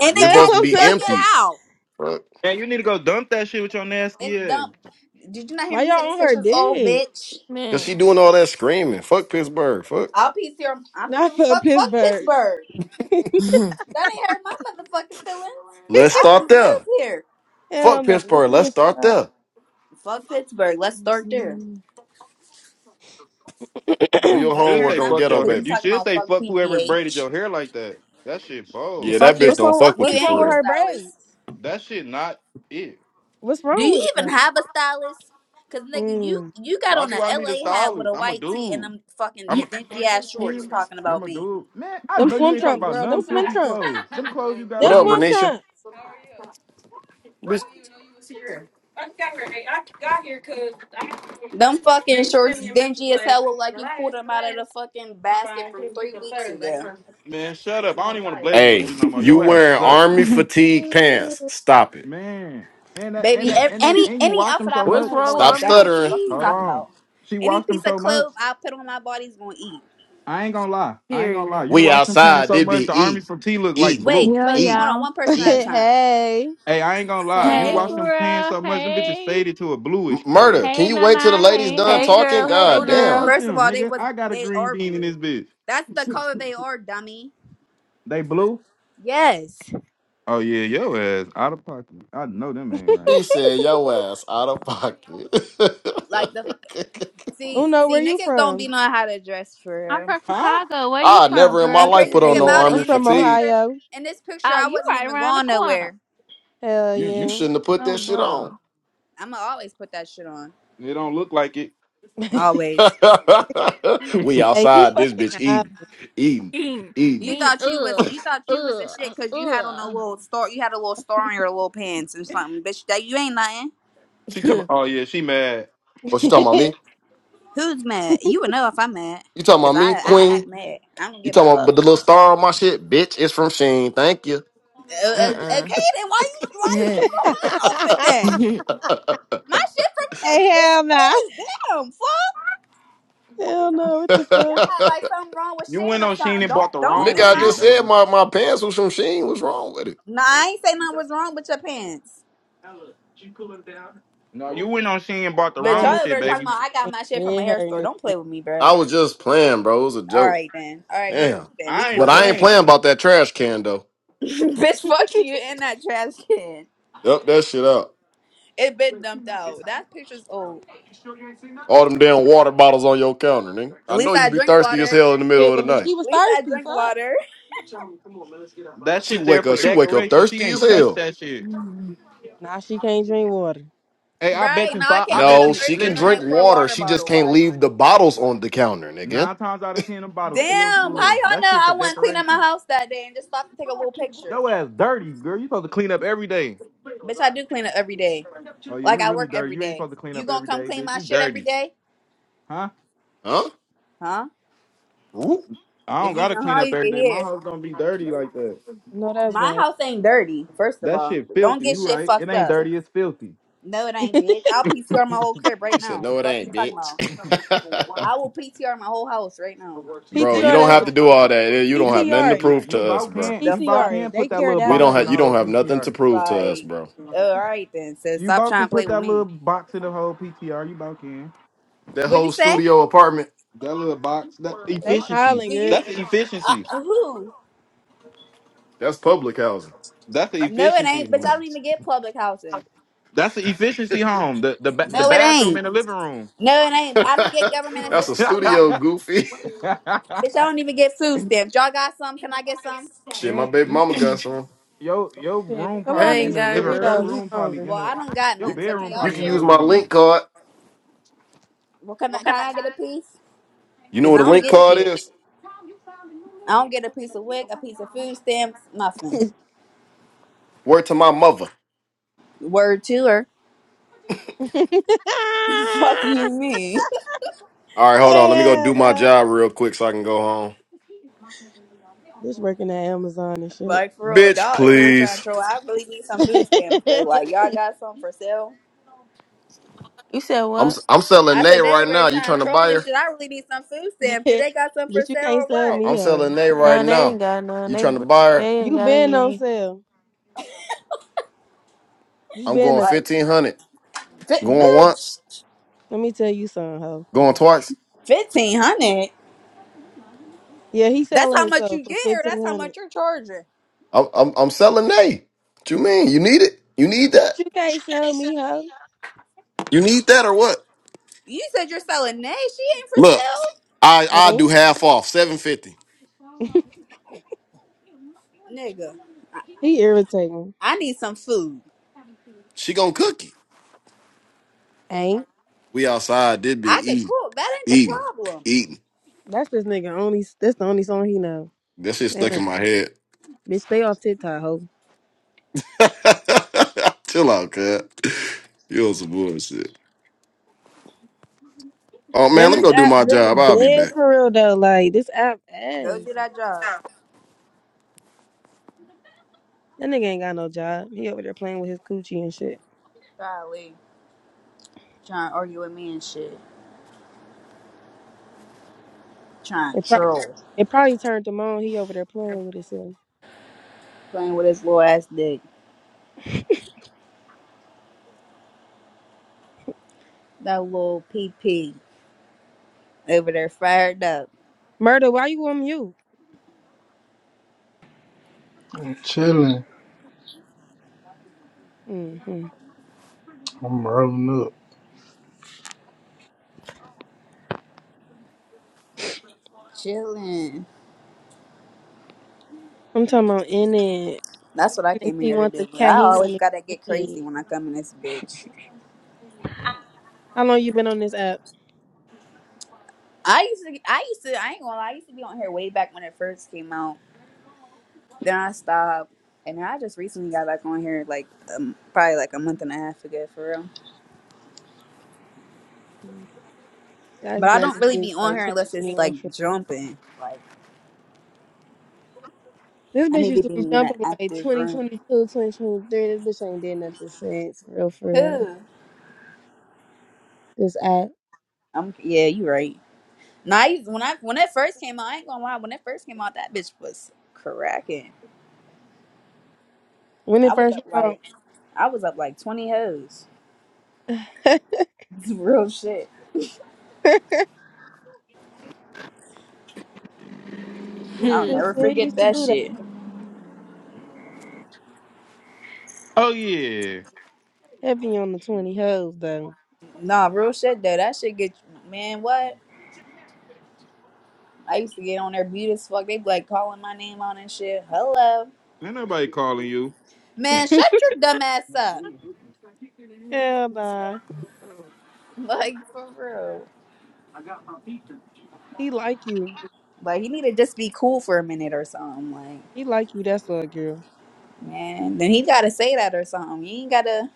S6: And
S5: It's
S6: it got
S5: supposed to
S2: Hell
S5: be
S2: no.
S6: taken
S5: empty.
S6: out.
S5: Fuck.
S4: Man, you need to go dump that shit with your
S6: It's
S4: nasty ass.
S6: dumb. Did you not hear
S2: Why
S6: me say
S2: y'all
S6: this
S2: on her
S6: picture's old
S2: dick?
S6: bitch?
S5: Cause she
S1: Man.
S5: doing all that screaming. Fuck Pittsburgh. Fuck.
S6: I'll piece here. I don't
S2: Not
S6: give a
S2: for
S6: fuck. Fuck
S2: Pittsburgh.
S6: Pittsburgh. That ain't hurt my motherfucking feelings.
S5: Let's
S6: I
S5: start
S6: just
S5: there.
S6: live here.
S2: Hell
S5: Fuck
S2: no. This
S5: Pittsburgh. Let's
S2: nigga
S5: start
S2: fried.
S5: there.
S6: Fuck Pittsburgh. Let's start there.
S5: Do
S4: You
S5: your
S6: That ain't
S4: should
S6: hurt
S5: homework
S4: say
S6: my
S5: on
S4: fuck
S6: feelings
S5: Ghetto
S4: your
S6: because
S4: hair.
S6: you
S5: Baby.
S4: You
S6: talking
S4: should
S6: about
S4: say
S6: fuck
S4: fuck whoever braided
S6: PGH.
S4: your hair like that. That shit
S6: You
S5: Yeah,
S4: bold.
S6: fuck
S5: that
S6: your
S5: bitch
S2: what's
S5: don't
S2: wrong?
S6: fuck
S5: fuck with
S6: you
S5: you
S2: What's
S6: and
S2: wrong
S5: for
S2: with
S6: your
S5: real.
S2: her
S6: stylist.
S2: braids?
S4: That shit not it.
S2: What's
S6: Do
S2: wrong
S6: you
S2: with it,
S6: even
S2: bro?
S6: have a stylist? Cause nigga, you
S2: Mm.
S6: you got
S4: Why
S6: on
S4: do
S6: a
S4: I need a
S6: LA hat with a
S4: stylist? I'm a
S6: white tee and
S4: dude.
S6: them fucking
S4: I'm a
S6: dingy ass shorts talking about
S4: I'm a
S6: me.
S4: dude. Man, I
S2: Them
S4: know you
S2: swim
S4: ain't talking
S2: trunks,
S4: about
S2: girl. Them
S4: none
S2: swim
S4: filthy
S2: trunks.
S4: clothes. Them clothes you got
S5: What
S2: Them
S5: up,
S4: on.
S5: Renisha? Bitch.
S6: Them fucking shorts dingy as hell look like you pulled them out of the fucking basket from three weeks ago.
S4: Man, shut up. I don't even want to blaze with you
S5: Hey,
S4: no more.
S5: you
S4: Your ass
S5: wearing
S4: suck.
S5: army fatigue
S2: swim
S5: pants. Stop it.
S4: Man. And that, and
S6: Baby,
S4: that,
S6: ev-
S2: trunks.
S4: and they
S6: any
S4: and you
S6: any
S4: watch them
S6: outfit I
S4: so
S6: put
S1: What's
S4: much.
S6: on is
S1: wrong
S6: gonna
S1: with
S5: Stop
S6: eat
S1: Army
S6: down.
S5: stuttering.
S6: Fuck you
S4: Hold
S1: fatigue?
S6: talking
S4: on.
S6: about.
S4: She
S6: Any
S4: washed them
S6: piece of
S4: so much.
S6: clothes I put on my body is gonna eat.
S4: I ain't gonna lie. I ain't gonna lie.
S1: Period.
S4: You
S5: We
S4: wash them pants
S5: outside.
S4: so
S5: They
S4: much, the
S5: be
S4: army
S5: eating,
S4: from T look like
S5: eating,
S6: Wait,
S4: blue.
S7: Yo,
S6: wait, hold
S5: eating,
S6: on,
S7: y'all.
S6: one person at a
S5: eating.
S6: time.
S2: hey,
S4: Hey, I ain't gonna lie. You
S7: Hey,
S4: wash
S1: Hey.
S4: them pants
S7: girl.
S4: so much, them bitches
S7: Hey.
S4: faded to a
S5: M-
S4: bluish color.
S5: murder. Can
S7: Hey,
S5: you wait till the
S7: Nana.
S5: lady's
S7: Hey,
S5: done
S1: Hey,
S7: Nay.
S5: talking?
S1: girl. Hey,
S2: hey,
S5: God
S4: Man,
S2: girl.
S5: damn.
S4: fuck
S1: Uno.
S6: First of
S4: them,
S6: all, they
S4: nigga.
S6: was
S4: I got a
S6: they
S4: green
S6: are
S4: bean in this
S6: blue.
S4: bitch.
S6: That's the color they are, dummy.
S4: They blue?
S6: Yes.
S4: Oh yeah, yo ass out of pocket. I know them ain't right.
S5: He said, yo ass out of pocket.
S6: Like the see
S2: Uno, where
S6: see
S2: you
S6: niggas don't be
S2: from?
S6: knowing how to dress
S7: I'm
S6: for real.
S7: from
S4: Huh?
S7: Chicago. Where you
S5: I
S7: from,
S5: never in my
S6: And
S7: girl?
S5: life
S6: crazy
S5: put
S6: thing
S5: on no
S6: about
S2: Period.
S6: it,
S2: I'm
S5: army
S6: in this
S2: from
S5: fatigue.
S6: picture,
S2: Ohio.
S6: in this picture
S7: Oh,
S6: I
S7: you
S6: wasn't
S7: right
S6: even
S7: around the
S6: going
S7: corner.
S6: nowhere.
S2: Hell
S5: You you
S2: yeah.
S5: shouldn't have put that
S7: Oh,
S5: shit on.
S7: bro.
S6: I'ma always put that shit on.
S4: It don't look like it.
S6: Always.
S5: we
S2: hey, he
S5: outside this bitch
S2: fucking hot.
S5: eating, eating,
S6: You
S5: eating.
S6: thought you was
S7: Ugh.
S6: you thought you was a shit because you had on a
S7: Ugh.
S6: little store. You had a little store on your little pants and something, bitch. That you ain't nothing.
S4: she come. Oh yeah, she mad.
S5: Oh, she talking about me?
S6: Who's mad? You would know if I'm mad,
S5: You talking about
S6: cause I
S5: me,
S6: I act
S5: Queen?
S6: mad. I don't
S5: You
S6: give a
S5: talking about
S6: fuck.
S5: but the little star on my shit, bitch? It's from Sheen. Thank you.
S6: Uh, uh,
S1: uh uh.
S6: okay, then why you why you tripping on my outfit then? My shit from Sheen
S2: hey, hell nah.
S6: Sheen Fizz. Damn, fuck.
S2: Hell no. What the
S6: Y'all
S2: fuck?
S6: act like something wrong with
S4: You
S6: Sheen
S4: went
S6: or
S4: on Sheen
S6: something.
S4: and bought
S6: Don't
S4: the
S6: don't
S4: wrong
S5: Nigga,
S6: do
S5: I
S4: shit,
S6: not.
S5: just said
S4: baby.
S5: my, my pants was from Sheen. What's wrong with it?
S6: No, I ain't say nothing was wrong with your pants.
S4: No, you went on Sheen and bought the
S6: But y'all
S4: wrong
S2: Oh
S6: over
S4: shit,
S6: there
S2: shit.
S6: talking
S4: baby.
S6: about I got my shit from a
S2: Head
S6: hair
S2: hurting
S6: store.
S2: this
S6: Don't play
S2: bitch.
S6: with me, bro.
S5: I was just playing, bro. It was a
S6: All
S5: joke.
S6: right then. All right, we cool
S5: Damn.
S6: then. We
S4: I ain't
S5: But
S6: cool then.
S5: I ain't
S4: playing.
S5: playing about that trash can though.
S6: Bitch, fuck you in that trash can.
S5: Dump that shit out.
S6: It been dumped out. That picture's old.
S5: All them damn water bottles on your counter, nigga.
S6: At
S5: I know
S6: least
S5: you
S6: I
S5: be
S6: drink
S5: thirsty as
S6: water. At
S5: hell in the middle
S2: Shit,
S5: of the
S2: well, she
S5: night.
S2: was
S6: least I
S2: thirsty.
S6: drink
S2: Fuck.
S6: water.
S4: That
S5: She
S4: shit there
S5: wake
S4: for
S5: up. She wake up
S4: decoration. She
S5: thirsty as
S4: ain't touched
S5: hell.
S4: that shit.
S2: Nah, she can't drink water.
S4: Hey, I
S6: Right
S4: bet you
S6: now, I
S4: five. I
S6: can't wake
S4: bet
S6: up
S5: No,
S4: you.
S5: she
S6: thirsty
S5: can
S6: in the
S4: Listen,
S5: drink
S6: night for a
S5: water.
S6: water
S5: She just
S6: bottle.
S5: can't
S6: Like,
S5: leave the bottles on the counter, nigga.
S4: nine times out of ten, the bottle's
S6: damn,
S4: still
S6: how y'all know
S4: full. That shit for
S6: I wasn't cleaning my
S4: decoration.
S6: house that day and just stopped to take a little picture?
S4: Yo ass dirty, girl. You supposed to clean up every day.
S6: Bitch, I do clean it every day.
S4: Oh yeah,
S6: Like
S4: you
S6: I
S4: really
S6: work
S4: dirty.
S6: every
S4: You ain't
S6: day.
S4: supposed to clean
S6: You
S4: up
S6: gonna
S4: every
S6: come
S4: day,
S6: clean
S4: bitch.
S6: my
S4: You
S6: shit every
S4: dirty,
S6: day,
S4: huh?
S5: Huh?
S6: huh?
S5: Ooh.
S4: I don't
S6: If you
S4: gotta
S6: can,
S4: clean
S6: how
S4: up
S6: you
S4: every
S6: can
S4: day. My
S6: hear.
S4: house don't be dirty like that.
S2: No, that's
S6: My
S2: right.
S6: house ain't dirty. First of
S4: That
S6: all,
S4: shit
S6: don't
S4: filthy.
S6: get
S4: You
S6: shit
S4: right? It
S6: fucked
S4: ain't
S6: up.
S4: dirty. It's filthy.
S6: No, it ain't, bitch. I'll PCR my whole crib right
S5: She said,
S6: now.
S5: "No, it
S6: Fuck you
S5: ain't,
S6: talking
S5: bitch."
S6: about? I will PTR my whole house right now.
S4: you
S5: bro, you
S2: PTR
S4: can't.
S5: don't
S2: that
S4: That
S5: have
S2: shit.
S5: to
S4: little. I,
S5: do
S4: I,
S5: all that. You don't
S4: you,
S5: have nothing to
S2: PTR it.
S4: you
S5: prove
S4: you
S5: to us,
S4: about
S5: bro.
S4: can't
S6: The
S4: you about
S6: fuck?
S2: PTR it.
S4: can't
S2: They
S4: put that
S2: care
S4: little
S2: that
S5: We don't
S4: box
S2: much.
S4: in
S5: have.
S4: the
S5: You don't
S4: whole
S5: have nothing to
S4: PTR.
S5: prove to us,
S6: Like,
S5: bro.
S6: all right then. Says
S4: You
S6: stop
S4: both
S6: trying
S4: can
S6: to play
S4: put
S6: with
S4: that little
S6: me.
S4: box in the whole PTR. You both can.
S5: That
S6: What'd you
S5: whole
S6: say?
S5: studio apartment.
S4: That little box. That
S2: They
S4: efficiency.
S2: hollering.
S6: Do
S2: girl.
S6: you?
S4: That's the
S6: Uh,
S4: efficiency.
S6: who?
S5: That's public housing.
S4: That's the
S6: No, it
S4: efficiency
S6: ain't. Bitch, I
S4: home.
S6: don't even get public housing.
S4: That's the efficiency home. The the ba- the
S6: No, it
S4: bathroom
S6: ain't.
S4: in the living room.
S6: No, it ain't. I don't get government
S5: that's a
S6: assistance from
S5: studio,
S6: nothing.
S5: goofy.
S6: Bitch, I don't even get food stamps. Y'all got some? Can I get some?
S5: Shit, my
S4: and
S5: baby
S4: you
S5: mama got some.
S4: your your
S2: Shit.
S4: room
S2: Tell
S1: I
S2: her
S4: probably in
S1: ain't
S4: the
S1: got
S2: some
S4: living. Your
S2: Doritos.
S1: none.
S2: I'm
S4: room probably
S2: hungry.
S4: in
S6: Well, I
S4: the.
S6: don't got
S4: Your
S5: You,
S6: none. So can
S4: bedroom
S6: y'all
S5: you
S4: probably
S5: can
S4: in the
S5: use
S6: share?
S4: living
S5: my
S4: room.
S5: link card.
S6: Well, can I, can I get a piece?
S5: You know
S6: Cause I
S5: what a
S6: don't
S5: link
S6: get
S5: card
S6: shit.
S5: is?
S6: I don't get a piece of wick, a piece of food stamps, nothing.
S5: Word to my mother.
S6: Word to her. Fuck you, mean?
S5: All right, hold on. Let me go do
S2: and,
S5: my
S2: uh,
S5: job real quick so I can go home.
S2: bitch working at Amazon and shit.
S6: Like for real, like
S5: Bitch,
S6: y'all ever trying
S5: please.
S6: to troll? I really need some food stamps though. Like y'all got some for sale?
S1: you said
S5: I'm
S1: what?
S5: I'm selling
S6: I
S5: Nay
S6: said they
S5: right
S6: over here
S5: now. You
S6: trying
S5: trying
S6: to
S5: to
S6: troll
S5: buy
S6: and
S5: her?
S6: shit. I really need some food stamps. Do
S2: but
S6: they got some for
S2: you
S6: sale
S2: can't
S6: or
S2: sell
S5: I-
S6: what?
S5: I'm
S2: me,
S5: selling
S2: ho.
S5: Nay right
S1: No, they
S5: now.
S1: ain't got none.
S5: You
S1: They
S5: trying to
S1: br-
S5: buy her?
S1: they ain't
S2: You
S1: got
S2: been on
S1: any.
S2: sale. You
S5: I'm
S2: been
S5: going
S2: up.
S6: Like,
S5: fifteen hundred.
S6: fi-
S5: Going
S6: bitch,
S5: once.
S2: Let me tell you something, ho.
S5: Going twice.
S6: fifteen hundred.
S2: Yeah, he
S6: That's
S2: selling
S6: how much
S2: himself
S6: you
S2: for
S6: get, or that's
S2: fifteen
S6: how
S2: hundred.
S6: much you're charging.
S5: I'm I'm, I'm selling Nay. What you mean? You need it? You need
S2: But
S5: that?
S2: you can't sell me, ho.
S5: You need that or what?
S6: You said you're selling nay. She ain't for
S5: Look, I I do
S2: Ain't
S5: half off seven fifty.
S6: sale, nigga. I,
S2: he irritating?
S6: I need some food.
S5: She gonna cook it.
S2: Ain't
S5: We outside. Did be
S6: I could
S5: eating,
S6: cook. That ain't the
S5: eating,
S6: problem.
S5: eating.
S2: that's this nigga only. That's the only song he know.
S5: That shit stuck
S2: Damn,
S5: in my head.
S2: bitch, stay off TikTok, ho.
S5: Chill out, cut. You on some bullshit. Oh man,
S2: Then
S5: let me
S2: this
S5: go do
S2: app
S5: my
S2: really
S5: job. I'll be
S2: dead
S5: back.
S2: for real though. Like this app
S6: Go do
S2: ass.
S6: that job.
S2: That nigga ain't got no job. He over there playing with his coochie and shit.
S6: Golly, trying to argue with me and shit. Trying
S2: It,
S6: to
S2: pro-
S6: troll,
S2: it probably turned him on. He over there playing with himself.
S6: playing with his little ass dick. That little PP over there fired up,
S2: Murder, why you on mute?
S3: I'm chilling.
S2: hmm
S3: I'm rubbing up.
S6: chilling.
S2: I'm talking about in it.
S6: That's what I
S2: And If
S6: came
S2: he
S6: here to
S2: want the
S6: do. But
S2: cat,
S6: I
S2: he
S6: always
S2: want
S6: gotta
S2: the
S6: get
S2: head.
S6: crazy when I come in this bitch.
S2: How long you been on this app?
S6: I used to, I used to, I ain't gonna lie, I used to be on here way back when it first came out. Then I stopped, and then I just recently got back on here like um, probably like a month and a half ago for real.
S2: Mm, I used
S6: But I
S2: be on
S6: don't
S2: this
S6: really
S2: bitch
S6: be on
S2: like
S6: here unless it's like
S2: 21 for real.
S6: jumping. Like
S2: This
S6: I
S2: bitch
S6: need to
S2: used to
S6: be
S2: be
S6: in an
S2: jumping like
S6: active room.
S2: 2022, 2023. This bitch ain't did nothing since, for real, for real.
S6: Who?
S2: This app.
S6: I'm yeah, you right. Now, I, when I when it first came out, I ain't gonna lie. When it first came out, that bitch was cracking.
S2: When it
S6: I was
S2: first
S6: up
S2: came
S6: like I was up like twenty hoes.
S2: out.
S6: real shit.
S2: It's
S6: I'll
S2: bitch
S1: Hmm.
S6: never
S2: they
S6: forget
S2: used to
S6: that
S2: do that.
S6: shit.
S4: Oh yeah.
S2: Heavy on the 20 hoes, though.
S6: Nah, real shit though. That shit get man. What I used to get on their beat as fuck. They be like calling my name on and shit. Hello,
S4: Ain't nobody calling you.
S6: man. Shut your dumb ass up.
S2: Hell nah.
S6: Like for real.
S2: He like you.
S6: Like he need to just be cool for a minute or something. Like
S2: He like you, that's a girl.
S6: man, then he gotta say that or something. You ain't gotta.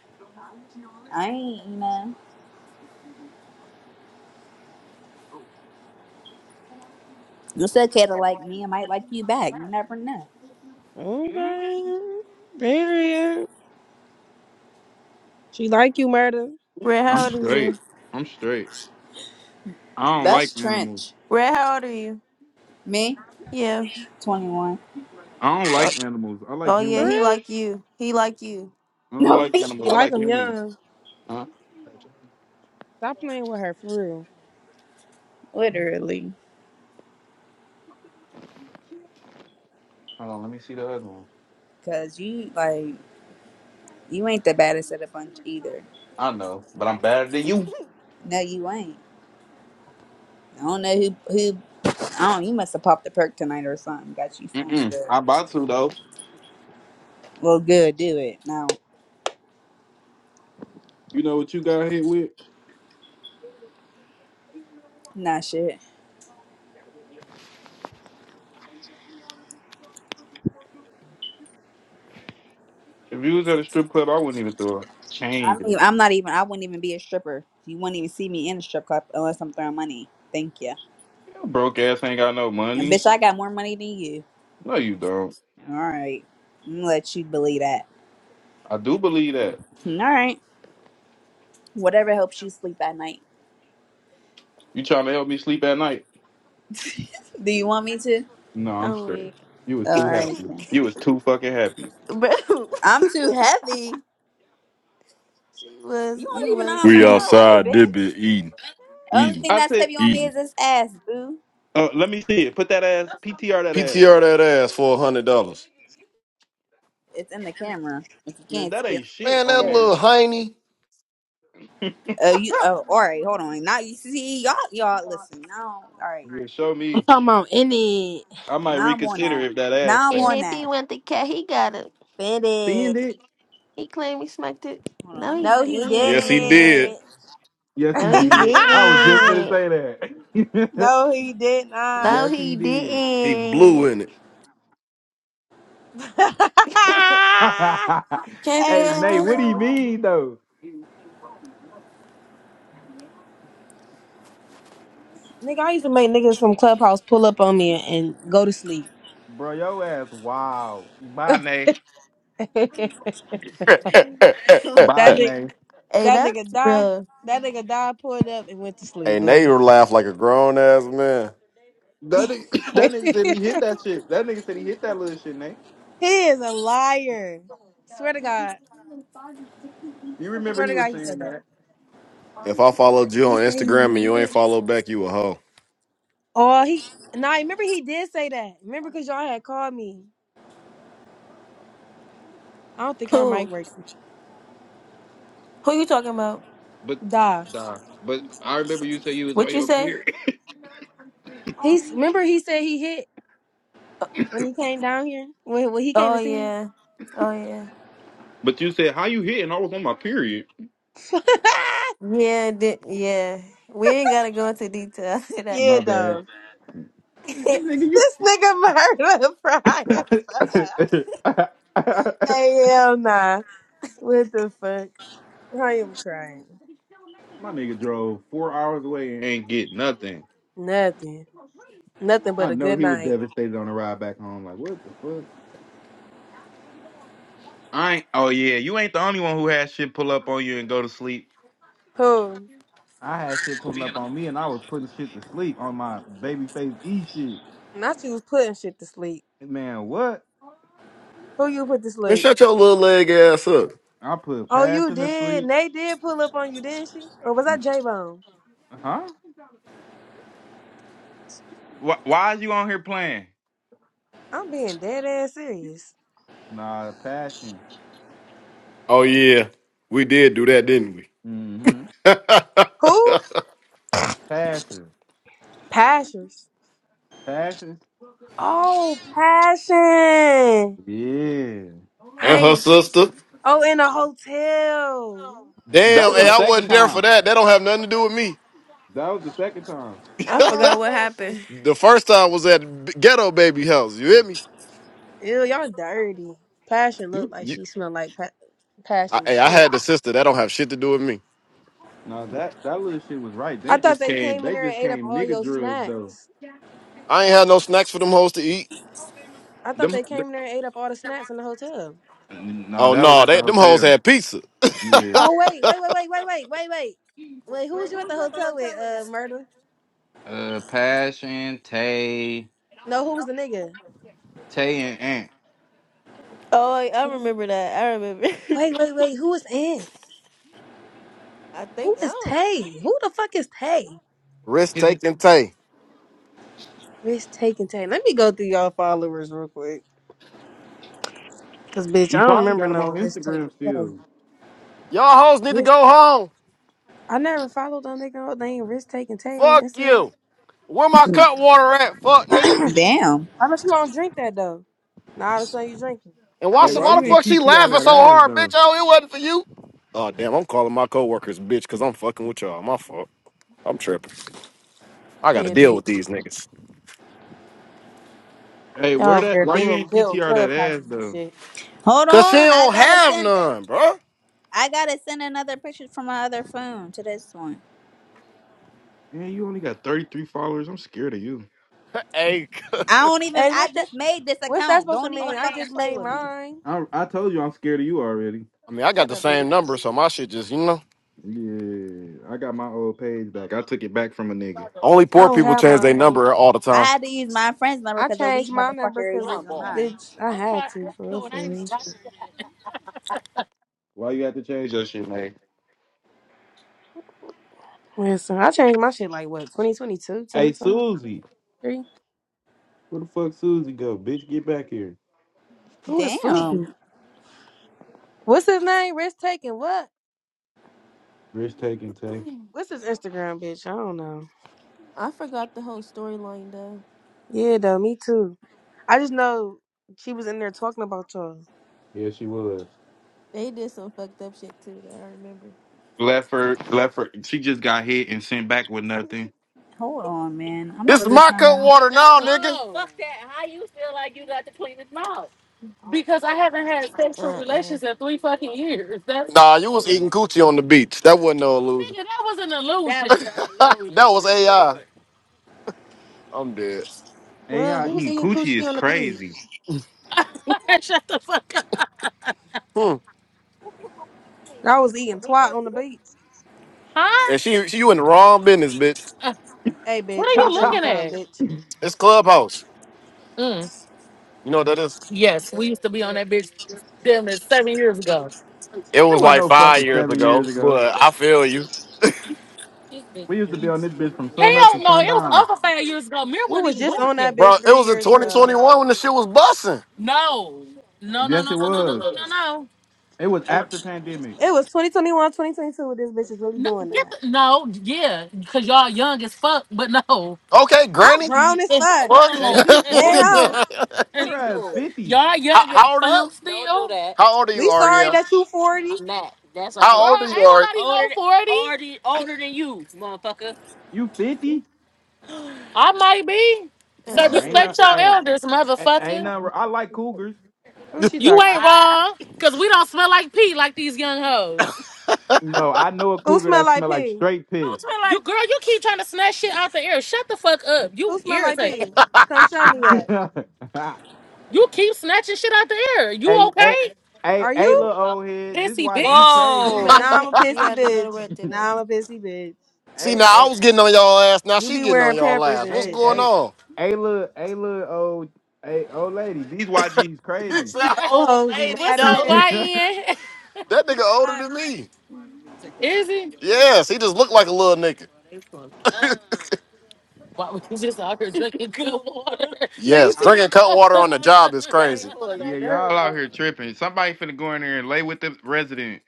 S6: I ain't you know. It's okay to like me. I might like you back. You never know.
S2: Okay. Period. She like you, murder.
S1: Red, how
S4: I'm
S1: old are
S4: straight.
S1: you?
S4: I'm straight. I don't
S6: That's
S4: like animals.
S6: trench.
S1: Red, how old are you?
S6: Me?
S1: Yeah.
S6: 21.
S4: I don't
S1: Oh,
S4: like animals. I like
S1: oh yeah,
S2: For
S4: humans.
S1: he
S2: real?
S1: like you. He like you.
S4: I don't
S6: No,
S4: like animals.
S2: He
S4: I
S2: like
S4: like
S2: him
S4: humans.
S2: young.
S4: Huh?
S2: Stop playing with her, for real.
S6: Literally.
S4: Hold on, let me see the other one.
S6: Cause you like you ain't the baddest of the bunch either.
S4: I know, but I'm better than you.
S6: No, you ain't. I don't know who who I don't you must have popped a perk tonight or something. Got you feeling
S4: Mm-mm.
S6: good.
S4: I about to though.
S6: Well good, do it. No.
S4: You know what you got hit with?
S6: Nah shit.
S4: If you was at a strip club, I wouldn't even throw a
S6: I'm
S4: change.
S6: even,
S4: Your
S6: I'm not even I wouldn't even be a stripper. You wouldn't even see me in a strip club unless I'm throwing money. Thank you.
S4: broke ass ain't got no
S6: And
S4: money.
S6: bitch I got more money than you.
S4: No, you don't.
S6: All right. I'm gonna let you believe that.
S4: I do believe that.
S6: All right. Whatever helps you sleep at night.
S4: You trying to help me sleep at night?
S6: Do you want me to?
S4: No, I'm
S1: I'm
S4: straight.
S1: weak.
S4: You was
S6: Oh,
S4: too
S6: all right
S4: happy.
S6: then.
S4: You was too fucking happy.
S1: Bro,
S6: I'm too heavy.
S1: she
S6: You
S1: was,
S6: don't
S1: you
S6: even know
S1: was.
S6: how
S5: We
S6: much
S1: and
S6: I
S5: outside,
S6: weigh,
S5: did
S6: bitch.
S5: be eating,
S6: Only
S5: eating,
S6: thing
S4: I
S6: that's
S4: said,
S6: heavy on me is
S5: eating.
S6: this ass, boo.
S4: uh, let me see it. Put that ass, PTR that ass.
S5: PTR that ass for a hundred dollars.
S6: It's in the camera. If you
S4: Man,
S6: can't
S4: that
S6: see it,
S4: ain't shit
S5: Man,
S4: on
S5: that
S6: I'll tell
S4: there.
S6: you.
S5: little heiny.
S6: Oh, you. Oh, all right. Hold on. Now you see y'all. Y'all listen. Now, all right.
S4: Yeah, show
S2: I'm
S4: me.
S2: talking about in it.
S4: I might
S6: Now I'm on
S4: reconsider
S6: that.
S4: if that ass
S6: Now I'm
S4: fat.
S6: on
S1: if
S6: that.
S1: he want the cat, he got him.
S2: Spend
S4: Spend
S2: it.
S4: it.
S1: He claimed he smacked it.
S6: Hold on.
S1: No,
S6: Let me
S1: he
S2: No,
S6: send
S1: didn't.
S6: this
S2: he
S6: picture
S5: Yes, he
S6: to
S5: did.
S6: myself.
S2: didn't.
S4: Yes, he
S1: No, he
S4: did. I was just gonna
S1: didn't.
S4: say that.
S2: no, he did not.
S1: No,
S4: yes, he
S1: he
S4: did.
S5: He blew
S1: didn't.
S5: in
S1: Can't be
S4: hey,
S1: like
S4: Nate,
S2: Hell
S4: what do you
S2: no.
S1: that.
S4: mean though,
S2: Nigga, I used to make niggas from Clubhouse pull up on me and, and go to sleep.
S4: bro? Your ass, wow. Bye, Nate.
S2: that
S4: Bye,
S5: it.
S2: nigga,
S4: Nate.
S1: hey,
S2: that nigga
S1: that's
S2: died.
S1: bro.
S2: That nigga died, pulled up, and went to sleep.
S5: and they
S2: Boo.
S5: laugh like a grown ass man.
S2: he
S4: That nigga, that nigga said he hit that shit. That nigga said he hit that little shit, Nate.
S2: is a liar. Swear to God.
S4: You remember
S2: Swear
S4: he
S2: to God,
S4: was
S2: he said
S4: saying
S2: that.
S4: that?
S5: If I followed you
S2: He
S5: on
S2: said he
S5: Instagram and you
S2: did.
S5: ain't follow back, you a hoe.
S2: Oh, he. Nah, remember he did say that. Remember, cause y'all had called me. I don't think her mic
S1: Who?
S2: worked.
S1: Who you talking about?
S4: But
S2: Duh.
S4: nah. But I remember you said you was on
S1: What you
S4: your
S1: say?
S4: period.
S2: He's remember he said he hit when he came down here when when he came
S1: Oh
S2: to see me.
S1: yeah. Oh yeah.
S4: But you said how you hitting? I was on my period.
S1: Yeah. Di- yeah. We ain't gotta go into detail after that.
S2: yeah,
S4: My bad,
S2: though.
S4: nigga.
S2: This nigga murder fried as fuck.
S4: You.
S2: Hey, hell nah. What the fuck? I am crying.
S4: My nigga drove four hours away and ain't get nothing.
S2: Nothing. Nothing but
S4: I
S2: a
S4: know
S2: good
S4: he was
S2: night.
S4: devastated on the ride back home. Like, what the fuck? I ain't. Oh yeah, you ain't the only one who had shit pull up on you and go to sleep.
S2: Who?
S4: I had shit pulling up on me, and I was putting shit to sleep on my babyface E shit.
S2: Not you was putting shit to sleep.
S4: Man, what?
S2: Who you put to
S5: Man,
S2: sleep?
S5: shut your little leg ass up.
S4: I put
S2: Oh, you
S4: passion to
S2: did.
S4: sleep.
S2: Nate did pull up on you, didn't she? Or was I J Bone?
S4: Huh? Why, why is you on here playing?
S2: I'm being dead ass serious.
S4: Nah, passion.
S5: Oh yeah, we did do that, didn't we?
S4: Mm-hmm.
S2: Who?
S4: Passion.
S2: Pashers.
S4: Passion.
S2: Oh, passion.
S4: Yeah.
S5: and her
S2: I.
S5: sister.
S2: Oh, in a hotel.
S4: That
S5: Damn,
S4: was
S5: hey,
S4: the
S5: I
S4: second
S5: wasn't there for
S4: time.
S5: that. That don't have nothing to do with me.
S4: That was the second time.
S1: I forgot what
S2: Oh.
S1: happened.
S5: The first time was at B- Ghetto Baby House. You hear me?
S2: Ew, y'all dirty. Passion
S5: You,
S2: looked like
S5: you,
S2: she smelled like pa-
S5: I,
S2: passion
S5: hey, I
S2: shit.
S5: had the sister. That don't have shit to do with me.
S4: No, that that little shit was right.
S2: I
S4: They
S2: thought
S4: just
S2: they
S4: came.
S2: came in
S4: They
S2: there and
S4: just
S2: ate up
S4: came
S2: all
S4: nigga
S2: your
S4: drugs though.
S2: snacks.
S5: I ain't had no snacks for them hoes to eat.
S2: I thought
S4: Them.
S2: they came
S4: th-
S2: in there and ate up all the snacks in the hotel.
S4: nah,
S5: Oh
S4: that was
S5: no,
S4: at the
S5: they, them hoes
S4: hotel.
S5: had pizza.
S4: Yeah,
S2: Oh wait, wait, wait, wait, wait, wait, wait, wait. Wait, who was you at the hotel with, uh, murder?
S4: Uh, Passion, Tay,
S2: No, who was the nigga?
S4: Tay and Ant.
S1: Oh, I I
S2: Tay.
S1: remember that. I remember.
S2: Wait, wait, wait. Who was in?
S1: I think
S2: Who
S1: I
S2: is
S1: don't.
S2: Tay? Who the fuck is Tay?
S5: Risk
S4: His,
S5: taking Tay.
S2: Risk taking Tay. Let me go through y'all followers real quick. Cause bitch, I
S4: you
S2: don't
S4: probably
S2: remember
S4: got him
S2: no
S4: on
S2: risk taking
S4: Instagram still.
S2: Tay.
S5: Y'all hoes need to go home.
S2: I never followed them nigga. They ain't risk taking Tay on
S5: Fuck
S2: Instagram.
S5: you. Where my cut water at? Fuck nigga.
S2: I
S6: Damn.
S2: know you don't drink that though. Now all of a sudden you drinking.
S5: And
S2: I
S5: why,
S4: Hey,
S2: knew
S5: so-
S2: you
S4: why
S5: why
S2: was
S4: you
S5: the
S2: gay.
S5: fuck
S4: ain't
S5: she
S4: PTR
S5: laughing
S4: that
S5: so
S4: ass
S5: hard, bitch?
S4: though?
S5: Oh, it wasn't for you. Oh damn, I'm calling my coworkers bitch because I'm fucking with y'all. My fault. I'm tripping. I gotta
S2: Yeah,
S5: deal with
S2: bitch.
S5: these niggas.
S4: Hey,
S2: Y'all
S4: where
S2: over
S4: that?
S2: there
S4: Why you
S2: building
S4: ain't
S2: building
S4: PTR that ass
S2: clubhouses and
S4: though?
S2: shit.
S6: Hold
S5: Cause she
S6: on. I
S5: don't
S6: gotta
S5: have
S6: send.
S5: none, bro.
S6: I gotta send another picture from my other phone to this one.
S4: man, you only got 33 followers. I'm scared of you.
S5: Hey, I
S6: I don't even.
S2: Hey,
S6: I
S2: what the
S6: just made this
S2: what's that
S6: account.
S2: supposed to
S6: Don't even
S2: mean? I
S6: fucking
S2: just
S6: play
S2: made
S6: with me.
S2: mine.
S4: I I told you I'm scared of you already.
S5: mean, I got
S2: Shut
S5: the
S2: up,
S5: same
S2: bitch.
S5: number, so my shit just, you know.
S4: Yeah, I got my old page back. I took it back from a nigga.
S5: Only
S2: I
S5: poor
S2: don't
S5: people
S2: have
S5: change
S2: my
S5: their
S2: old.
S5: number all the
S6: I
S5: time.
S6: had to use my friend's number
S2: I
S6: because a weak
S2: changed my number
S6: motherfucker is
S2: because
S6: using mine.
S2: bitch, I had to for real, for real.
S4: Why you have to change your shit, man?
S2: Listen, I changed my shit like what twenty twenty two, twenty
S4: Hey,
S2: twenty
S4: Susie.
S2: three?
S4: Where the fuck Susie go? Bitch, get back here.
S2: Who is
S6: Damn.
S2: Susie? What's his name? Risk taking what?
S4: Risk taking take.
S2: What's his Instagram, bitch? I don't know.
S1: I forgot the whole storyline though.
S2: Yeah, though, me too. I just know she was in there talking about y'all.
S4: Yeah, she was.
S1: They did some fucked up shit too. Though I remember.
S4: Left her, left her. She just got hit and sent back with nothing.
S6: Hold on, man. I'm
S5: This is
S6: really
S5: my
S6: trying
S5: cup
S6: to.
S5: water now,
S2: Oh,
S5: nigga.
S1: Uh uh-uh.
S5: Nah, you was eating coochie on the beach. That wasn't no illusion. that was AI. I'm dead.
S2: well,
S4: AIE,
S2: who was eating
S4: coochie is
S2: coochie on the beach?
S4: crazy.
S5: Hmm.
S2: I was eating twat on the beach.
S5: Huh? And she, she, you in the wrong business, bitch.
S2: Hey,
S5: What are
S2: bitch, let
S5: you
S2: me
S4: it
S2: tell you
S5: looking at?
S2: something, bitch.
S5: It's Clubhouse. You know what that is? Yes, we used to be on that bitch damn it seven years ago. It was
S4: wasn't
S5: like
S4: no
S5: five
S4: fucking
S5: years
S4: seven years
S5: ago,
S4: ago.
S5: but I feel you,
S4: We
S5: Hell
S4: used to be on this bitch from sun up to
S5: no, it was
S4: sundown.
S5: over five years ago. Mir
S2: We
S5: wasn't
S2: was
S5: even
S2: just
S5: born
S2: on
S5: yet.
S2: that
S5: bro. It
S2: bitch three
S5: was in
S2: years ago.
S5: 2021 when the shit was busting. No. No, no,
S4: Yes,
S5: no,
S4: it
S5: no, no, no,
S4: was.
S5: no, no, no.
S4: It was after pandemic.
S2: It was 2021, 2022. this bitch is really
S5: No,
S2: doing
S5: get
S2: that.
S5: the, no, yeah, because y'all young as fuck, but no. Okay,
S2: I'm
S5: Granny.
S2: grown as fuck.
S4: Hey, she
S2: Yeah,
S4: 40.
S2: homie.
S5: No.
S4: Her ass 50.
S5: y'all how, young as how old are you? fuck How old are
S2: We
S5: you,
S2: sorry
S5: Ariel?
S2: that you 40.
S5: are you? Ari?
S4: You 50?
S5: I might be.
S1: uh.
S5: So
S4: Oh, ain't
S2: Shit.
S4: no,
S5: respect your
S4: hey,
S5: elders,
S4: a- ain't
S5: motherfucker.
S4: nothing. wr- I like cougars.
S2: Who she
S5: You
S2: talking to?
S5: ain't wrong, cause we don't smell like pee like these young hoes.
S4: No, I know a
S2: Who
S4: cougar
S2: smell
S4: that
S2: like
S4: smell like
S2: pee?
S4: straight piss.
S5: Don't smell like You like girl, you keep trying to snatch shit out the air. Shut the fuck up. You
S2: Who smell like
S5: irritating.
S2: pee? Come shut me up.
S4: hey,
S5: You keep snatching shit out the air. You
S4: hey,
S5: okay?
S4: hey,
S2: Are
S4: hey,
S2: you?
S4: little old head. This
S5: Pissy bitch.
S4: YG
S5: Whoa.
S1: She
S4: crazy.
S1: mad. She,
S2: Nah, I'm a
S1: she
S2: pissy
S1: had to go to
S2: bitch.
S1: work today.
S2: Nah, I'm a pissy bitch.
S5: See,
S4: Hey,
S5: now I
S4: hey,
S5: was getting on y'all ass. Now
S2: You
S5: she
S2: be
S5: getting on
S2: wearing
S5: y'all
S2: Pampers
S5: ass.
S2: and
S5: What's
S4: hey,
S2: shit
S5: going
S2: though.
S4: hey,
S5: on?
S4: hey, little, hey, little old, hey, old lady. These YG's
S5: It's
S4: crazy.
S2: These
S5: that
S2: old
S5: old
S2: hoes be
S5: lady, What's
S2: mad as
S5: up,
S2: hell.
S5: though. YN? That nigga older
S2: Right.
S5: than me. Is he? Yes, he just looked like a little nigga. Why was you just out here drinking good water? Nigga Yes, said,
S4: I,
S5: drinking cut water on the job is right, crazy.
S4: yeah, y'all out here tripping. Somebody finna go in there and lay with the resident.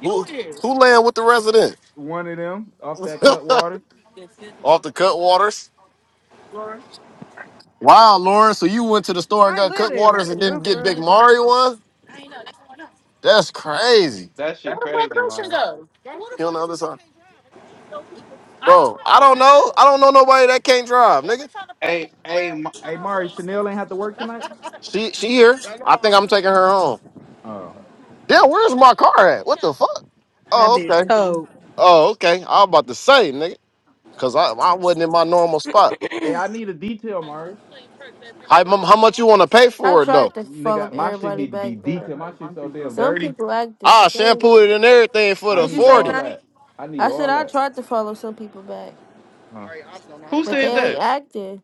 S5: you Who here. who land with the resident?
S4: One of them off that cut water.
S5: Off the cut waters. Wow, Lauren. So you went to the store and
S2: Might
S5: got cut
S2: litter.
S5: waters and
S2: For real,
S5: didn't get
S2: for
S5: Big
S2: real.
S5: Mario one? That's crazy.
S4: That shit
S5: Where'd my
S4: crazy,
S5: cushion
S4: man.
S5: go? He on the other side. Bro, I don't know. I don't know nobody that can't drive, nigga.
S4: Hey, hey, Ma- hey, Mari, Chanel ain't have to work tonight.
S5: She she here. I think I'm taking her home.
S4: Oh,
S5: Damn, where's my car at? What the fuck?
S2: That
S5: Oh,
S2: bitch
S5: okay.
S2: cold.
S5: Oh, okay. I was about to say, nigga. Cause I, I wasn't in my normal spot.
S4: hey, I
S2: what
S4: need a detail, Mari.
S5: How, mu- how much you want to pay
S1: I
S5: for it though?
S1: tried to follow
S4: Nigga, my shit
S1: everybody
S4: need to be
S1: back, but
S4: detailed. My shit so damn
S1: some
S4: dirty.
S1: people active.
S5: I
S1: But they, ain't-
S5: shampoo it and everything for
S4: I
S5: the
S2: you
S4: need
S2: say,
S4: all
S5: forty.
S2: Nye?
S4: that. I need
S1: I said
S4: all
S1: I
S4: that.
S1: tried to follow some people back,
S4: Huh. Who
S1: but
S4: said
S1: they ain't
S4: that?
S1: active.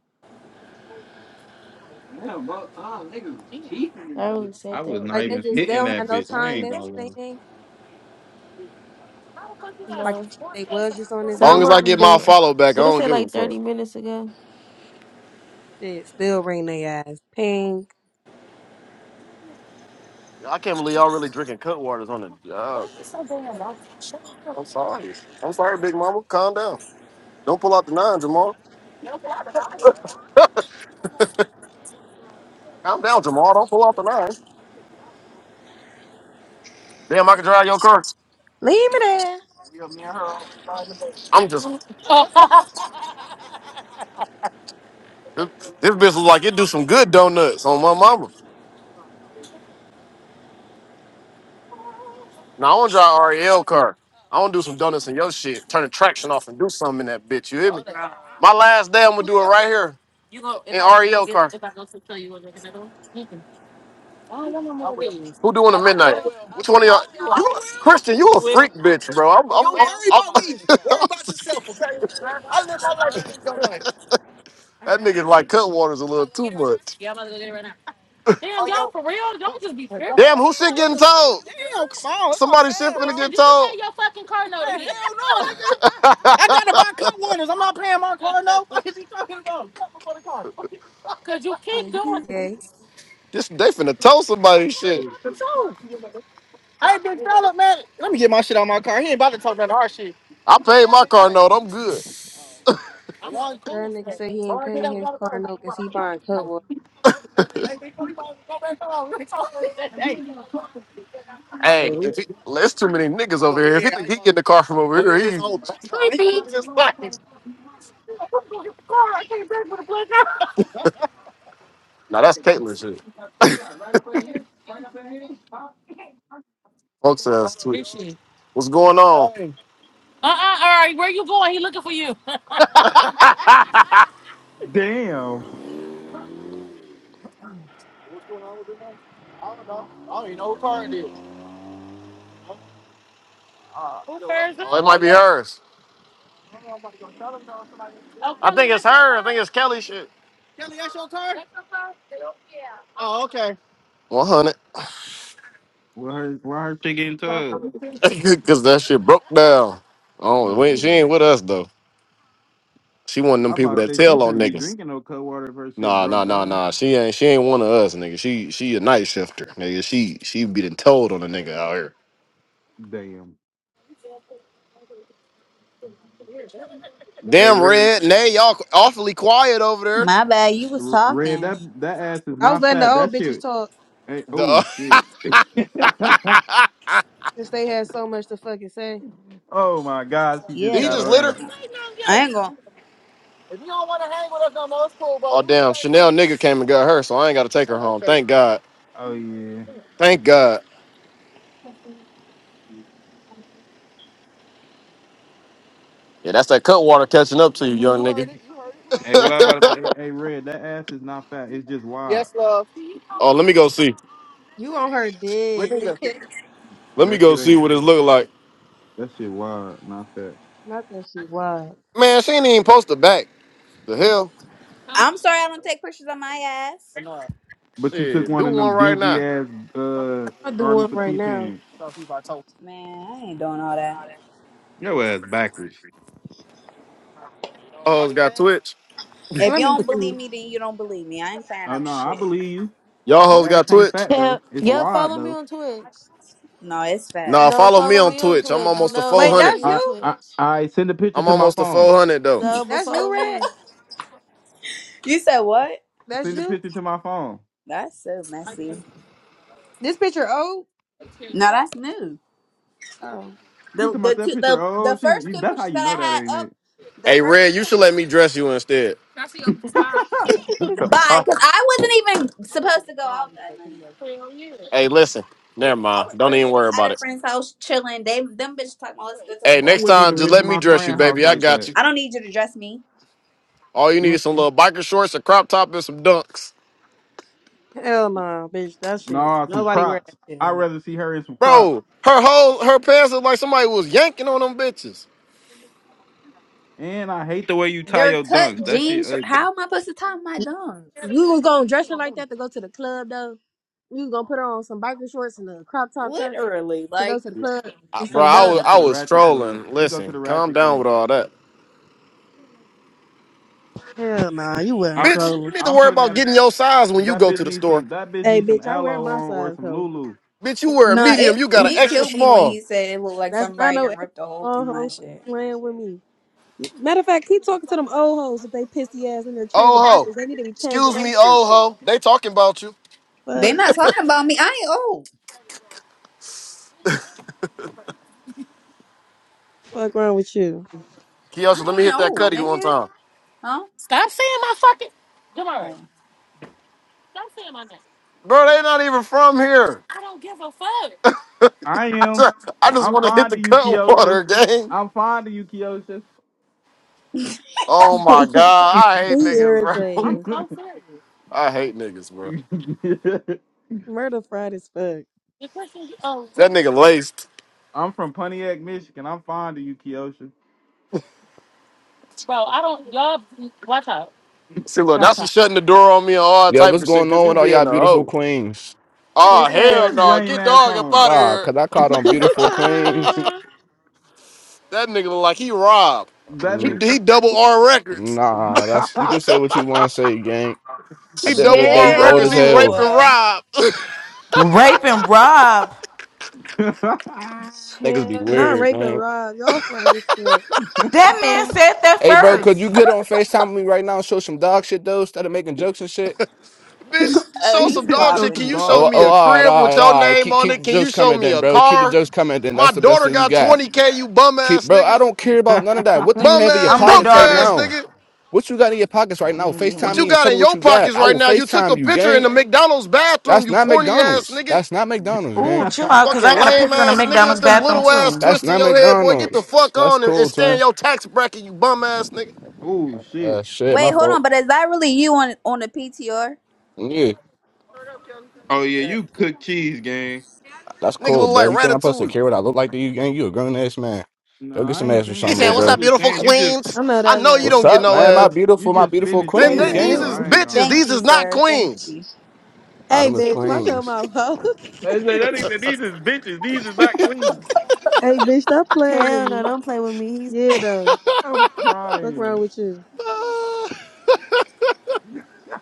S1: I really
S4: I
S1: said they
S4: was not
S2: Like they
S4: even
S2: just they
S4: hitting
S2: don't
S4: that
S2: have no
S4: bitch. I
S2: time
S4: ain't
S2: next to
S4: gonna
S2: they
S4: lie.
S2: thing. Like
S1: no.
S2: they was just on this
S5: Long
S1: Some
S2: bitch.
S5: as
S1: of
S5: I
S1: them
S5: get my
S1: do,
S5: follow back, I
S1: but it
S5: don't
S1: said
S5: give a
S1: like
S5: fuck.
S1: thirty minutes ago.
S2: Shit, still ring they ass. Ping.
S5: I can't believe y'all really drinking cut waters on the job. I'm sorry. I'm sorry, Big Mama. Calm down. Don't pull out the nine, Jamal. Calm down, Jamal. Don't pull out the nine. Damn, I can drive your car.
S2: Leave me there.
S5: I'm just. this, this bitch was like, it do some good donuts on my mama. Now I want to drive REL car. I want to do some donuts in your shit. Turn the traction off and do something in that bitch. You hear me? My last day, I'm gonna do it right here in REL car. Who doing a midnight? Which one of y'all? You, Christian, you a freak bitch, bro. I'm, I'm, I'm, I'm, that nigga like Cutwater's a little too much. Damn, who shit getting told? Somebody shit finna get told. Cause you
S2: Yeah,
S5: keep doing
S2: he's
S5: it.
S2: gay.
S5: This they finna tell somebody shit. I paid my car note. I'm good.
S2: That nigga said he ain't paying his car note cause he buying cut water.
S5: Hey, if he, there's too many niggas over here. If he think he get in the car from over here, he now that's Caitlyn shit. Folks ass tweet. Appreciate it. What's going on? Uh uh all right, where you going? He looking for you.
S4: Damn.
S5: Oh, it might be hers. oh, I think it's her. I think it's Kelly shit. 100.
S4: Why her, why her She getting tugged?
S5: Cause that shit broke down. Oh,
S4: Oh
S5: we ain't- she
S4: damn.
S5: ain't with us though. She one of
S4: I
S5: them people
S4: about
S5: that
S4: to say She
S5: tell on
S4: shouldn't be
S5: niggas.
S4: drinking no cold water if her shit
S5: Nah, nah,
S4: broke
S5: nah,
S4: down.
S5: nah. She ain't she ain't one of us, nigga. She she a night shifter, nigga. She she be done told on a nigga out here.
S4: Damn. Hey,
S5: Damn
S4: Rick.
S5: red, nay, y'all awfully quiet over there.
S6: My bad. You was
S4: Red, R- red.
S6: talking.
S4: That that ass is
S2: I was
S4: not
S2: letting the
S4: fat.
S2: old
S4: That
S2: bitches
S4: shit.
S2: talk
S4: Hey, oh
S5: The
S4: shit.
S2: since they had so much to fucking say.
S4: oh my God, she just
S5: Did
S6: Yeah,
S5: he
S4: got
S6: cause
S5: just
S4: on
S6: I
S5: litter?
S4: that.
S6: I ain't going. to
S5: Oh damn, Chanel nigga came and got her, so I ain't gotta take her home. Thank God.
S4: Oh yeah.
S5: Thank God. Yeah, that's that cut water catching up to you, young nigga.
S4: Hey, what I about to say? Hey, hey, red. That ass is not fat. It's just wide.
S5: oh, let me go see.
S2: You on her dead.
S5: Let me
S4: That
S5: go
S4: shit
S5: see
S4: ain't
S5: what
S4: fat.
S5: it look like.
S4: That shit wild, not fat.
S2: Not that she wild.
S5: Man, she ain't even posted back. The hell?
S6: I'm sorry. I don't take pictures of my ass.
S4: But you took
S5: Shit,
S4: one
S5: do
S4: of
S5: one
S4: them
S5: right
S4: dingy
S5: now.
S4: ass uh
S2: I do
S4: army
S2: one right
S4: petite
S2: now.
S4: pants.
S6: Man, I ain't doing all that.
S4: Your ass backwards.
S5: Y'all hoes got Twitch.
S6: If
S2: Let
S6: you
S2: me
S6: don't
S2: see.
S6: believe me, then you don't believe me. I ain't clearing
S4: Oh
S6: up
S4: no, I
S6: shit.
S4: believe you.
S5: Y'all
S4: That
S5: hoes
S4: ass
S5: got
S4: ain't
S5: Twitch.
S4: fat
S1: Yeah,
S4: though. It's
S1: yeah.
S4: wide
S1: Follow me
S4: though.
S1: on Twitch.
S6: No, it's
S5: Nah,
S6: fat.
S1: No,
S5: follow me
S1: follow
S5: on
S1: me on
S5: Twitch. I'm
S1: Twitch.
S5: almost to
S1: No,
S2: Wait,
S1: follow
S5: 400.
S2: that's
S1: me on
S4: I
S2: you?
S1: Twitch.
S4: I I send a picture
S5: I'm
S4: to my
S5: almost to
S4: phone.
S5: 400 though.
S1: So, but
S2: That's you,
S1: follow
S2: Red?
S1: me.
S6: You said what?
S2: That's
S4: Send a
S2: you?
S4: picture to my phone.
S6: That's so messy.
S2: This picture old?
S6: No, that's new.
S2: Oh.
S4: See
S6: The
S4: to my
S6: the
S4: that
S6: two,
S4: picture.
S6: the
S4: Oh,
S6: the
S4: she.
S6: first
S4: You,
S6: two
S4: that's how
S6: pictures that
S4: you know
S6: I
S4: that
S6: had
S4: ain't
S6: up,
S4: it.
S6: the
S5: Hey,
S6: first
S5: Red,
S6: two
S5: you should
S6: pictures.
S5: let me dress you instead.
S6: Bye,
S5: Huh?
S6: because I wasn't even supposed to go out that night.
S5: Hey, listen. Never
S6: I
S5: mind.
S6: was
S5: Don't
S6: literally
S5: even
S6: just
S5: worry
S6: at
S5: about
S6: a
S5: it.
S6: friend's house chilling. They them bitches talking about let's go to the
S5: Hey,
S4: I
S6: bar.
S5: next
S4: wouldn't
S5: time,
S4: even
S5: just
S4: went to
S5: let me
S4: my
S5: dress you,
S4: friend house
S5: baby. I
S4: like
S5: got
S4: that.
S5: you.
S6: I don't need you to dress me.
S5: All you need
S4: Mm,
S5: is some little biker shorts, a crop top, and some dunks.
S2: Hell no, bitch. That shit.
S4: Nah, some
S2: Nobody wear that
S4: Crocs.
S2: shit
S4: I'd
S2: no more.
S4: rather see her in some Crocs.
S5: Bro, her whole her pants look like somebody was yanking on them bitches.
S4: And I hate The way you tie
S6: They're
S4: your
S6: cut
S4: dunks, that shit
S6: jeans.
S4: ugly.
S6: How am I supposed to tie my dungs?
S2: You was gonna dress her like that to go to the club though? You was gonna put her on some biker shorts and a crop top shirt
S6: Literally,
S2: to go
S6: like
S2: to the club
S5: I-
S2: and
S5: bro,
S2: some
S4: he
S5: I
S2: dunk.
S5: was
S4: go to
S5: I
S4: the
S5: was
S4: Ratchet Club.
S5: trolling.
S4: He go to
S5: Listen,
S4: the
S5: calm
S4: Ratchet
S5: down
S4: Club.
S5: with all that,
S2: Hell nah, you wearing
S4: I'm
S5: bitch. You
S2: stroller.
S5: need to
S4: I'm
S5: worry
S4: putting
S5: about
S4: that
S5: getting your size when you
S4: that
S5: go
S4: bitch
S5: to the
S4: needs
S5: store,
S4: some that bitch
S2: Hey
S4: needs some
S2: bitch, I wear
S4: aloe
S2: my
S4: on or
S2: size
S4: some
S2: hoe.
S4: Lulu.
S5: bitch. You wear a
S6: nah. It
S5: medium, you got an
S6: he
S5: extra
S6: killed me when
S5: small.
S6: he said it looked like
S2: That's not
S6: somebody
S2: no
S6: done
S2: extra
S6: ripped a hole through
S2: old
S6: my
S2: hoes
S6: shit.
S2: playing with me. Matter of fact, keep talking to them old hoes if they pissy ass and they're changing
S5: Oh ho,
S2: diapers. They need to be changing
S5: excuse
S2: that
S5: me,
S2: shit.
S5: oh ho. They talking about you.
S6: They
S2: Fuck.
S6: not talking about me. I ain't old.
S2: Fuck wrong with you?
S5: Kiosha,
S6: I
S5: let me
S6: ain't
S5: hit that
S6: old,
S5: cutty one
S6: nigga.
S5: time,
S6: Huh?
S5: Stop saying my fucking. Jamari,
S6: Oh.
S5: stop saying my name. bro. They not even from here. I don't give a fuck.
S4: I
S5: I
S4: am.
S5: just, I just
S4: I'm
S5: want to hit
S4: fond
S5: the
S4: of you,
S5: cut
S4: Keosha.
S5: water, gang.
S4: I'm fond of you, Keosha.
S5: Oh
S2: he
S5: my god, I hate niggas, bro. I'm
S2: irritating.
S5: so serious. I hate niggas, bro.
S2: Murder fried as fuck.
S5: The question, oh, That nigga laced.
S4: I'm from Pontiac, Michigan. I'm fond of you, Keosha.
S5: bro, I don't, y'all, watch out. See, look, now she shutting the door on me and all
S8: Yo,
S5: type
S8: what's
S5: of shit
S8: going
S5: because
S8: on
S5: you
S8: with all
S5: being
S8: y'all
S5: a
S8: beautiful
S5: hoe.
S8: queens?
S5: Oh,
S2: What's
S4: Man,
S5: hell
S4: get his
S2: that?
S5: no.
S4: lame
S5: Get
S4: ass
S5: dog up
S4: on.
S5: out of
S8: Ah,
S5: here.
S8: cause I caught on beautiful queens.
S5: That nigga look like he robbed.
S4: That
S5: He,
S8: Mm,
S4: nigga.
S5: he double R records.
S8: Nah, that's you can say what you want to say, gang.
S5: He
S8: At the end of the
S5: double
S8: day, you
S5: R
S8: old
S5: records.
S8: as
S5: He raped
S8: hell.
S5: and
S6: Chill.
S5: robbed.
S9: Rape and rob.
S8: Niggas be
S2: Not
S6: Chill.
S8: weird,
S2: rape and
S8: gang.
S2: rob. Y'all fried as fuck. You
S9: That
S2: know
S9: man
S2: what?
S9: said that
S8: Hey, bro, could
S9: first.
S8: you get on Facetime with me right now and show some dog shit though, instead of making jokes and shit?
S5: Bitch,
S6: Oh,
S5: show
S4: he
S6: he's
S5: some
S4: said
S5: dog
S4: some,
S5: shit.
S6: popping
S5: Can
S4: some
S5: you
S6: it.
S5: show
S8: Oh,
S4: dog
S5: me
S8: oh,
S5: a
S4: shit.
S8: all right,
S5: crib
S8: all
S5: with
S8: right,
S5: your
S8: all right.
S5: name
S8: Keep
S5: on
S8: keep
S5: it?
S8: the
S5: Can
S8: jokes
S5: you show
S8: coming
S5: me
S8: then,
S5: a
S8: bro. Keep the
S5: car?
S8: jokes coming then.
S5: My
S8: That's the best
S5: daughter
S8: thing you
S5: got
S8: got.
S5: 20K, you bum
S8: Keep,
S5: ass
S8: bro. I
S5: nigga.
S8: don't care about none of that. What do you
S5: Bum
S8: have in your
S5: ass,
S9: I'm the
S8: pockets
S5: broke
S8: right
S9: daughter.
S5: ass
S8: now?
S5: nigga.
S8: What you got in your pockets right now?
S5: What
S8: Facetime
S5: you
S8: me and
S5: got
S8: show me
S5: in
S8: what
S5: your
S8: you got.
S5: pockets
S8: I
S5: right
S8: will
S5: now? You took
S8: Facetime
S5: a
S8: you,
S5: picture in
S8: gang.
S5: the McDonald's bathroom,
S8: That's
S5: you
S8: not
S5: corny ass
S8: McDonald's.
S5: nigga.
S8: That's not McDonald's, gang.
S9: Ooh, chill out, cause
S5: Fucking
S9: I got a
S5: lame
S9: picture in the
S5: ass nigga
S9: McDonald's
S5: with them
S9: bathroom
S5: little ass
S9: too.
S8: That's
S5: twisting
S8: not
S5: your head, boy. Get the
S8: McDonald's.
S5: fuck
S8: That's
S5: on and, and
S8: cool,
S5: stay in
S8: twin.
S5: your tax bracket, you bum ass nigga.
S4: oh shit.
S8: Uh, shit, my
S6: Wait, hold
S8: fault.
S6: on. But is that really you on on the PTR?
S8: Yeah,
S4: Oh yeah,
S6: Uh,
S4: you cook cheese, gang.
S8: that's
S5: Nigga
S8: cool,
S5: look like
S8: bro. You think I'm supposed to
S5: Ratatouille.
S8: care what I look like to you, gang? You a grown ass man.
S4: No,
S8: Go get
S4: I
S8: some
S4: ain't
S8: ass or
S5: He
S4: saying
S8: something,
S5: said,
S8: little
S4: that.
S5: What's
S4: I'm
S8: bro.
S5: up,
S4: just
S5: beautiful
S4: saying you just
S5: queens?
S2: I know
S5: I
S2: that's
S5: know you
S2: right.
S8: What's
S5: don't get
S8: up,
S5: no
S4: you
S8: man? My
S4: just
S5: ass.
S4: you
S8: beautiful, my
S4: just
S8: beautiful
S4: finished
S5: They,
S1: Hey,
S8: queen,
S5: they,
S4: period
S1: hey.
S5: these
S8: gang.
S4: though.
S5: is
S4: I ain't gonna
S5: bitches.
S4: lie.
S6: thank
S5: These
S6: you,
S5: is not
S6: sir. Thank
S5: queens.
S6: you.
S8: Nah,
S2: Hey,
S8: them are
S2: bitch, watch your
S8: queens.
S2: mouth. ho.
S4: They say that ain't- these is bitches. These is not clean.
S2: hey, bitch, stop playing with
S1: Hell no,
S2: me.
S1: don't play with me.
S2: Yeah, though.
S4: I'm
S2: Fuck wrong
S4: crying.
S2: with you?
S5: Uh,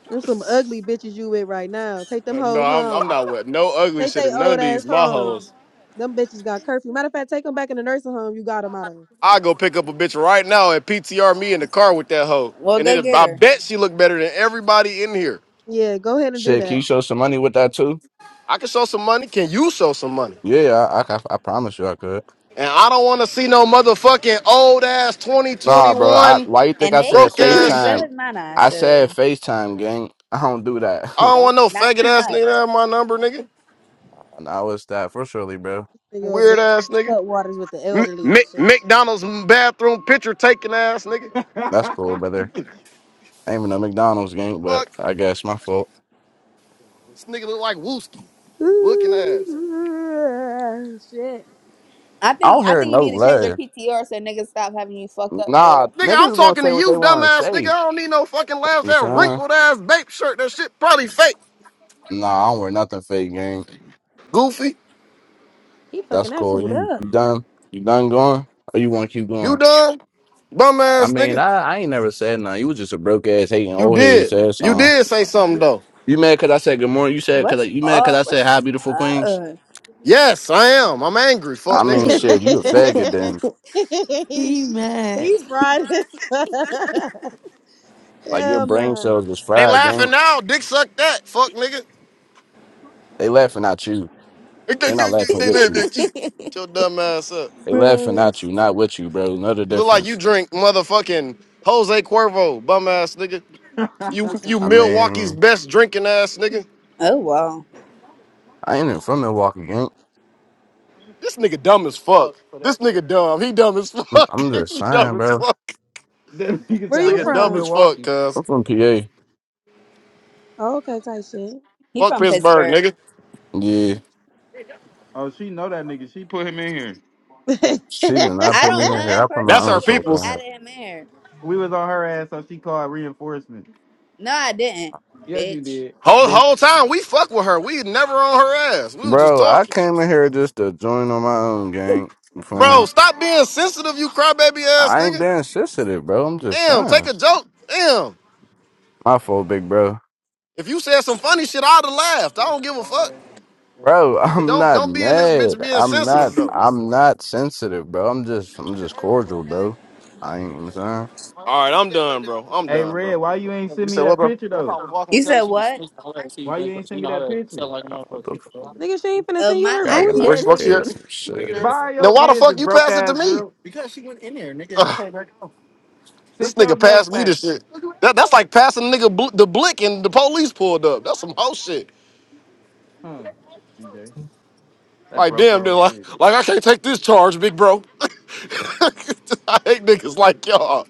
S2: There's some ugly bitches you with right now. Take them
S5: no,
S2: hoes
S5: I'm, I'm
S2: home.
S5: not with no ugly
S2: Take
S5: shit
S2: they
S5: in none
S2: old
S5: of these
S2: ass
S5: my hoes.
S2: home. Them bitches got curfew. Matter of fact, take them back in the nursing home you got them out of.
S5: I go pick up a bitch right now and PTR me in the car with that hoe.
S6: Well,
S5: And
S6: go
S5: it,
S6: get
S5: I
S6: her.
S5: bet she look better than everybody in here.
S2: Yeah, go ahead and do
S8: Shit, can you
S2: that.
S8: show some money with that too?
S5: I can show some money. Can you show some money?
S8: Yeah, I, I, I promise you I could.
S5: And I don't want to see no motherfucking old ass
S8: Nah, bro. I,
S5: 2021
S8: why you think
S6: And
S8: I
S6: they
S8: said
S5: broke
S6: cute,
S5: ass
S6: and so
S5: shit.
S8: FaceTime?
S6: is Mana.
S8: I said
S6: So
S8: FaceTime, gang. I don't do that.
S5: I don't
S6: don't
S5: want no
S6: not
S5: faggot
S6: too
S5: ass
S6: much.
S5: nigga to have my number, nigga.
S8: nah, what's that for surely, bro?
S2: nigga over there
S5: Weird ass nigga.
S2: cut waters with the
S5: M-
S2: elderly. and
S5: Mc-
S2: shit.
S5: McDonald's bathroom picture taking ass nigga.
S8: That's cool,
S4: that
S8: brother. Ain't even a McDonald's game, but
S5: Fuck,
S8: I guess my fault.
S5: this nigga look like Wooski. Looking ass.
S2: Ooh, Shit.
S6: I
S8: I
S6: think
S8: don't
S6: I
S8: hear
S6: think you
S8: no
S6: need to change your
S8: love.
S6: PTR so niggas stop having you fucked up for
S8: Nah,
S6: real.
S5: Nigga,
S8: niggas
S5: I'm
S8: is gonna
S5: talking
S8: say
S5: to
S8: what they
S5: you,
S8: want to say.
S5: dumbass
S8: You
S5: nigga.
S8: know
S5: I don't need no fucking laughs.
S8: what
S5: That
S8: I'm saying?
S5: wrinkled ass bape shirt, that shit probably fake.
S8: Nah, I don't wear nothing fake, gang.
S5: Goofy,
S2: He
S8: That's
S2: fucking that
S8: cool.
S2: food
S8: You
S2: up.
S8: you done? You done going? Or you want to keep
S5: you
S8: going?
S5: dumb,
S8: I
S5: dumbass
S8: mean,
S5: nigga.
S8: I, I ain't never said nothing. You was just a broke ass hating
S5: You
S8: old head who
S5: did,
S8: said
S5: you
S8: something.
S5: did say something though.
S8: You mad because I said good morning? You said
S6: What's
S8: because you mad because
S6: up?
S8: I said hi,
S6: What's
S8: beautiful queens.
S6: up?
S5: Yes, I am. I'm angry.
S8: I
S5: Fuck
S1: He's
S8: mean,
S5: nigga.
S1: he
S8: shit, you a
S1: mad.
S8: faggot then.
S2: he,
S1: he mad.
S2: he fried his fuck.
S8: Like your
S2: Hell
S8: brain
S2: no.
S8: cells was
S5: They
S8: fried, gang.
S5: laughing now. Dick suck that. Fuck nigga.
S8: They laughing at you. They not laughing with you.
S5: You your dumb ass up.
S8: They laughing
S1: Bro.
S8: at you, not with you, bro. Know the
S5: You look like you
S8: difference.
S5: drink motherfucking Jose Cuervo, bum ass nigga. You you
S8: I
S5: Milwaukee's
S8: mean,
S5: best drinking ass nigga.
S6: Oh wow,
S8: I ain't even from Milwaukee, gang.
S5: This nigga dumb as fuck. For This that. nigga dumb. He dumb as
S8: I'm
S5: fuck.
S8: I'm just
S5: he dumb
S8: saying,
S5: as
S8: bro.
S5: fuck.
S4: nigga
S5: This
S2: Where
S4: said
S2: you
S4: I
S5: nigga
S4: am from
S5: dumb as
S2: from?
S5: fuck,
S4: Milwaukee.
S5: cuz.
S8: I'm from PA.
S2: Oh, okay, tight shit.
S6: he
S5: Fuck
S6: from
S5: Pittsburgh,
S6: Pittsburgh.
S5: nigga.
S8: Yeah,
S4: Oh, she know that nigga. She put him in here.
S8: she did not
S6: I
S8: put me
S6: don't
S8: in
S6: know
S8: here.
S6: him
S8: I put my
S5: That's
S6: personally.
S8: own
S5: our
S6: I
S8: self in
S6: just
S5: people's.
S8: here,
S6: added him there.
S4: We was on her ass, so she called reinforcement.
S6: No, I didn't,
S4: Yes, you
S6: bitch.
S4: did,
S5: Whole
S4: bitch.
S5: whole time we fuck with her. We never on her ass. We was just
S8: bro. I
S5: talking.
S8: came in here just to join on my own, gang. You feel me?
S5: Bro,
S4: Nah.
S5: stop being sensitive, you crybaby ass
S8: I ain't
S5: nigga.
S8: been sensitive, bro. I'm just
S5: Damn, take
S8: saying.
S5: a joke. Damn.
S8: My fault, big bro.
S5: If you said some funny shit, I'd have laughed. I don't give a fuck.
S8: Bro,
S5: But
S8: I'm
S5: don't
S8: not
S5: don't be in this bitch
S8: mad.
S5: being
S8: I'm
S5: sensitive
S8: not.
S5: though.
S8: I'm not sensitive, bro. I'm just. I'm just cordial, bro. I ain't. I'm saying.
S5: All right, I'm done, bro. I'm
S4: Hey,
S5: done,
S4: Red,
S5: bro.
S4: why you ain't
S5: You
S4: send me
S5: said what,
S4: that
S5: bro?
S4: picture though?
S6: You said what?
S4: Why you ain't send me that picture?
S8: Uh, What the
S2: Nigga, she ain't finna
S6: Oh
S2: send you
S6: my!
S2: her
S8: Yeah, I
S6: I
S8: can
S2: booty.
S8: like
S6: just
S5: Where's
S1: That
S5: the fuck
S1: nigga
S5: shit?
S8: pay
S1: would
S8: some shit.
S4: Buy your
S5: Then why the
S4: business,
S5: fuck you
S4: broke
S5: pass it to
S4: ass
S5: me?
S4: girl.
S5: Ugh, this
S4: Sit your
S5: nigga
S4: neck
S5: passed me the
S4: back.
S5: shit. That, that's like passing nigga bl- the blick and the police pulled up. That's some whole shit.
S4: Huh, DJ. That
S5: Like
S4: broke
S5: damn, dude,
S4: ass shit.
S5: like, like I can't take this charge, big bro. I hate niggas like y'all.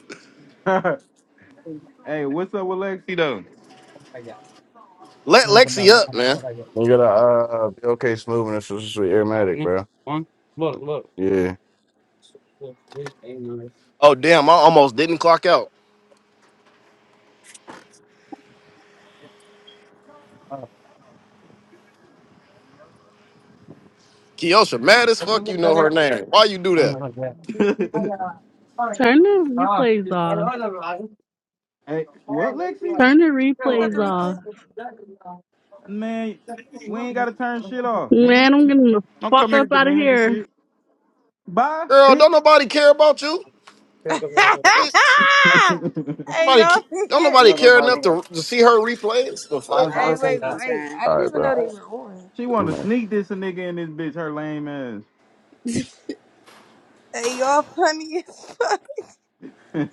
S4: hey, what's up with Lexi though?
S5: Let Lexi up, man.
S8: You got a uh, Bill K. Smooth and this is Aromatic, bro. Yeah.
S5: Oh damn, I almost didn't clock out. Kiosha, mad as fuck. You know her name. Why you do that,
S10: Turn the replays off.
S4: hey, what Lexi?
S10: Turn the
S2: Who got the
S10: replays
S2: replay?
S10: off.
S4: Man, we ain't gotta turn shit off, nigga.
S10: Man, I'm getting the
S4: Don't come
S10: fuck
S4: here
S10: up out of
S4: demanding
S10: here.
S4: shit. Bye,
S5: girl?
S4: bitch.
S5: Don't nobody care about you. Bitch,
S2: hey,
S5: nobody.
S2: y'all.
S5: ca- Don't nobody care enough to, to see her replays. The fuck.
S6: I'm
S2: Hey, wait,
S6: fucking
S2: wait.
S6: crying.
S2: I
S8: All
S2: didn't
S8: right,
S2: even know they
S8: bro.
S2: were on.
S4: she wanna
S8: Mm.
S4: sneak this a nigga in this bitch, her lame ass.
S2: Hey, y'all funny as fuck.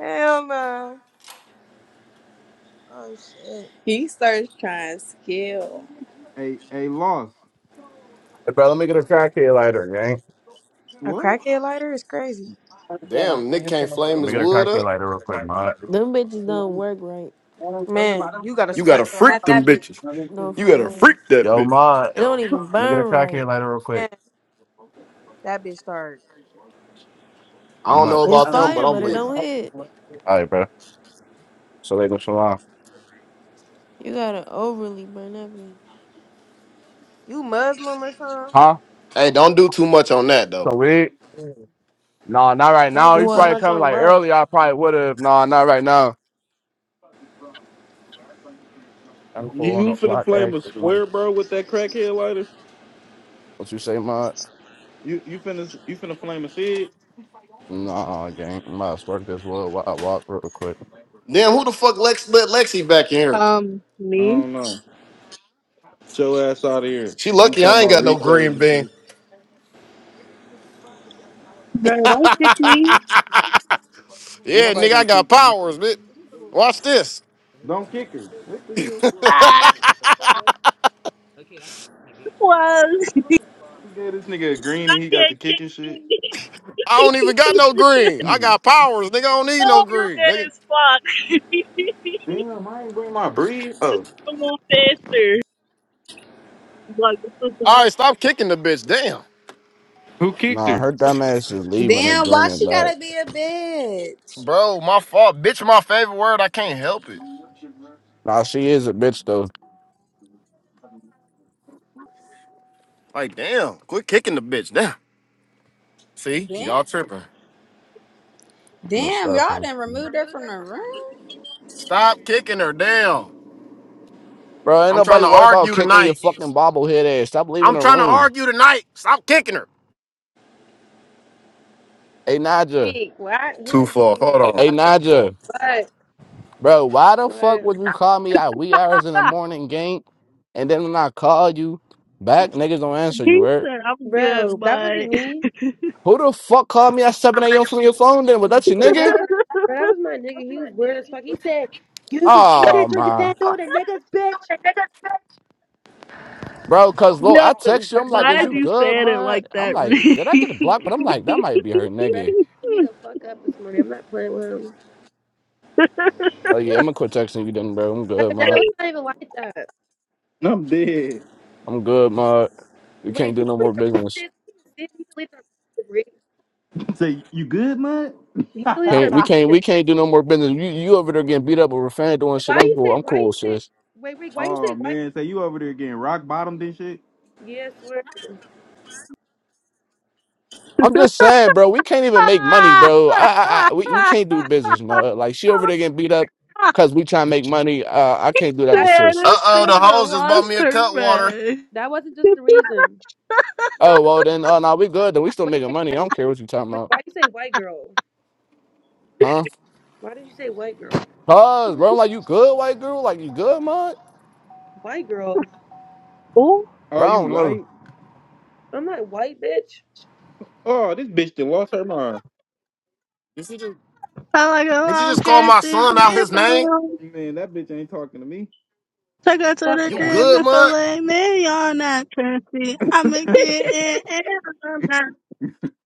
S2: Hell no. Oh, shit.
S6: He starts trying to kill.
S4: hey, hey, loss.
S8: Hey, bro, let me get a cocktail lighter, gang.
S2: A
S4: What?
S2: crackhead lighter is crazy.
S8: Yo,
S5: Damn, Nick can't
S8: Let
S5: flame
S8: me
S5: his
S8: get a
S5: wood
S8: cocktail
S5: up.
S8: lighter real quick, mod.
S1: Them bitches don't work right.
S2: Man, you got to
S5: You gotta
S2: spot. Snap
S5: freak them
S2: that bitch.
S5: bitches.
S1: No,
S5: You
S1: for
S5: gotta
S1: real.
S5: freak that
S8: Yo,
S5: bitch.
S8: mod.
S1: It don't even
S8: Let me get a
S1: burn right.
S8: cocktail lighter real
S2: Man,
S8: quick.
S2: that bitch start.
S5: I
S8: I'm
S5: don't
S8: up.
S5: know
S1: It's
S5: about them,
S1: fire,
S5: but I'm
S1: but it
S5: leaving.
S1: don't hit.
S8: All right, bro. So they go so long.
S1: You gotta overly burn that bitch.
S2: You Muslim or something?
S8: Huh?
S5: Hey, don't do too much on that though.
S8: So we? Nah, not right
S2: Don't
S8: now.
S2: do
S8: You
S2: too
S1: What?
S8: probably
S2: much
S8: coming
S2: on
S8: like
S2: what?
S8: early. I probably would have. Nah, not right now. I'm
S4: You
S8: cool on
S4: you
S8: a
S4: finna
S8: block
S4: flame a
S8: exit. What
S4: square, bro, with that crackhead lighter?
S8: you say, mod?
S4: You you finna you finna flame a shit?
S8: Nah, gang. I'm about to spark this wood while I walk real quick.
S5: Damn, who the fuck Lex let Lexi back in here?
S10: Um,
S4: I
S10: me?
S4: don't know. Get your ass out of here.
S5: She
S4: You
S5: lucky
S4: talking
S5: I ain't
S4: about
S5: got no green
S4: replays? and shit.
S5: bean.
S10: Bro, don't kick me.
S4: Ain't
S5: Yeah,
S4: nobody
S5: nigga, I
S4: gonna
S5: got
S4: kick you.
S5: powers, bitch. Watch this.
S4: Don't kick her. What the hell?
S10: Ah, was.
S4: You gave this nigga a green and he got the
S10: can't kick
S4: kicking shit.
S5: I
S10: me.
S5: don't even got no green. I
S4: Damn,
S5: got powers, nigga. I don't need
S10: oh,
S5: no
S10: you're
S5: green,
S10: mad
S5: nigga.
S10: as fuck.
S4: I ain't bring my breed. Oh,
S10: I'm on faster. Like, this is what
S5: All right, stop kicking the bitch. Damn.
S4: who kicked
S8: Nah,
S4: her?
S8: her dumb ass is leaving and
S6: Damn, why
S8: joining
S6: she
S8: that.
S6: gotta be a bitch?
S5: Bro, my fault. Bitch, my favorite word. I can't help it.
S8: Nah, she is a bitch though.
S5: Like, damn. Quit kicking the bitch. Damn. See,
S6: Damn,
S5: y'all tripping.
S8: On the
S6: damn,
S8: stuff,
S6: y'all
S8: huh?
S6: done removed her from the room.
S5: Stop kicking her. Damn.
S8: Bro, ain't
S5: I'm trying
S8: nobody
S5: to
S8: worried about
S5: argue
S8: kicking your
S5: tonight.
S8: fucking bobblehead ass. Stop leaving
S5: I'm
S8: the
S5: trying to
S8: room.
S5: argue tonight. Stop kicking her.
S8: Hey Naja.
S11: freak. Why? Who
S5: Too
S11: is these
S5: far. Hold
S11: people?
S5: on.
S8: Hey Naja.
S11: What?
S8: Bro, why the fuck
S11: What?
S8: would you call me at wee hours in
S10: the
S8: the
S10: fuck?
S8: morning, gang? And then when I call you back, niggas don't answer you,
S10: He
S8: right?
S10: said, I'm good,
S11: Bro, that wasn't
S10: but.
S11: me.
S8: Who the fuck called me at 7 a.m. from your phone then? Was that your
S11: Bro,
S8: nigga?
S11: that was bro, that was my nigga. He was weird as fuck. He said, "You be, you
S8: Oh
S11: said you're the
S8: my.
S11: dad door, the niggas, bitch."
S8: Bro, cause look,
S10: yeah,
S8: I
S10: but
S8: text you. I'm like, "Is
S10: why'd
S8: you
S10: you
S8: good,
S10: say it
S8: man?"
S10: like
S8: I'm
S10: that,
S8: like,
S10: Reed?
S8: "Did I get a block?" But I'm like, "That might be her
S11: Bro,
S8: nigga."
S11: he beat me the fuck up this morning. I'm not playing with him.
S8: Oh yeah, I'm gonna quit texting you then, bro. I'm
S11: Bro,
S8: good,
S11: that
S8: man.
S11: was not even like that.
S4: I'm dead.
S8: I'm good, man. We
S11: Wait,
S8: can't do
S11: he
S8: no
S11: deleted
S8: more
S11: our
S8: business.
S11: messages. He deleted our messages. Rick.
S4: Say, you good, man?
S11: He deleted our
S8: Can't we can't
S11: messages.
S8: we can't do no more business. You you over there getting beat up over fan doing shit.
S11: Why
S8: I'm
S11: you
S8: cool.
S11: say?
S8: I'm
S11: Why
S8: cool,
S11: you say?
S8: sis.
S11: Wait, Rick. Why you
S4: oh
S11: say? Why?
S4: man, say you over there getting rock bottomed and shit.
S11: Yes, yeah, swear.
S8: I'm just saying, bro. We can't even make money, bro. I I, I we, we can't do business, man. Like she over there getting beat up
S10: Ah!
S8: because we trying to make money. Uh, I can't do that to
S11: That
S10: Man,
S11: wasn't.
S8: sis.
S11: Just,
S5: Uh
S11: That
S5: oh,
S10: this
S5: the
S11: wasn't. Just,
S10: bitch
S5: hoes just bought me
S10: lost
S5: a
S10: her
S5: cut water.
S10: man.
S11: that wasn't just the reason.
S8: Oh well, then. Oh no, we good. Then we still
S11: Wait,
S8: making money. I
S11: wait.
S8: don't care what you talking
S11: Wait,
S8: about,
S11: why you say white girl?
S8: huh?
S11: Why did you say white girl?
S8: Cuz, bro, I'm like, you good, white girl? Like, you good, mod?
S11: White girl?
S10: Ooh,
S4: Oh,
S8: Bro,
S4: you
S8: I don't know.
S4: white?
S11: I'm like white bitch.
S4: Oh, this bitch done lost her mind.
S5: Did she just
S10: Sound like a
S5: did she
S10: long
S5: just call
S10: hair
S5: my
S10: thick
S5: son out his name?
S10: rebound.
S4: Man, that bitch ain't talking to me.
S10: Take her to
S11: Fuck
S8: I
S10: the
S5: You
S11: yeah.
S8: think
S10: crib
S5: good,
S10: to
S5: mud?
S10: fillet me on that trashy. I'ma get in and on that.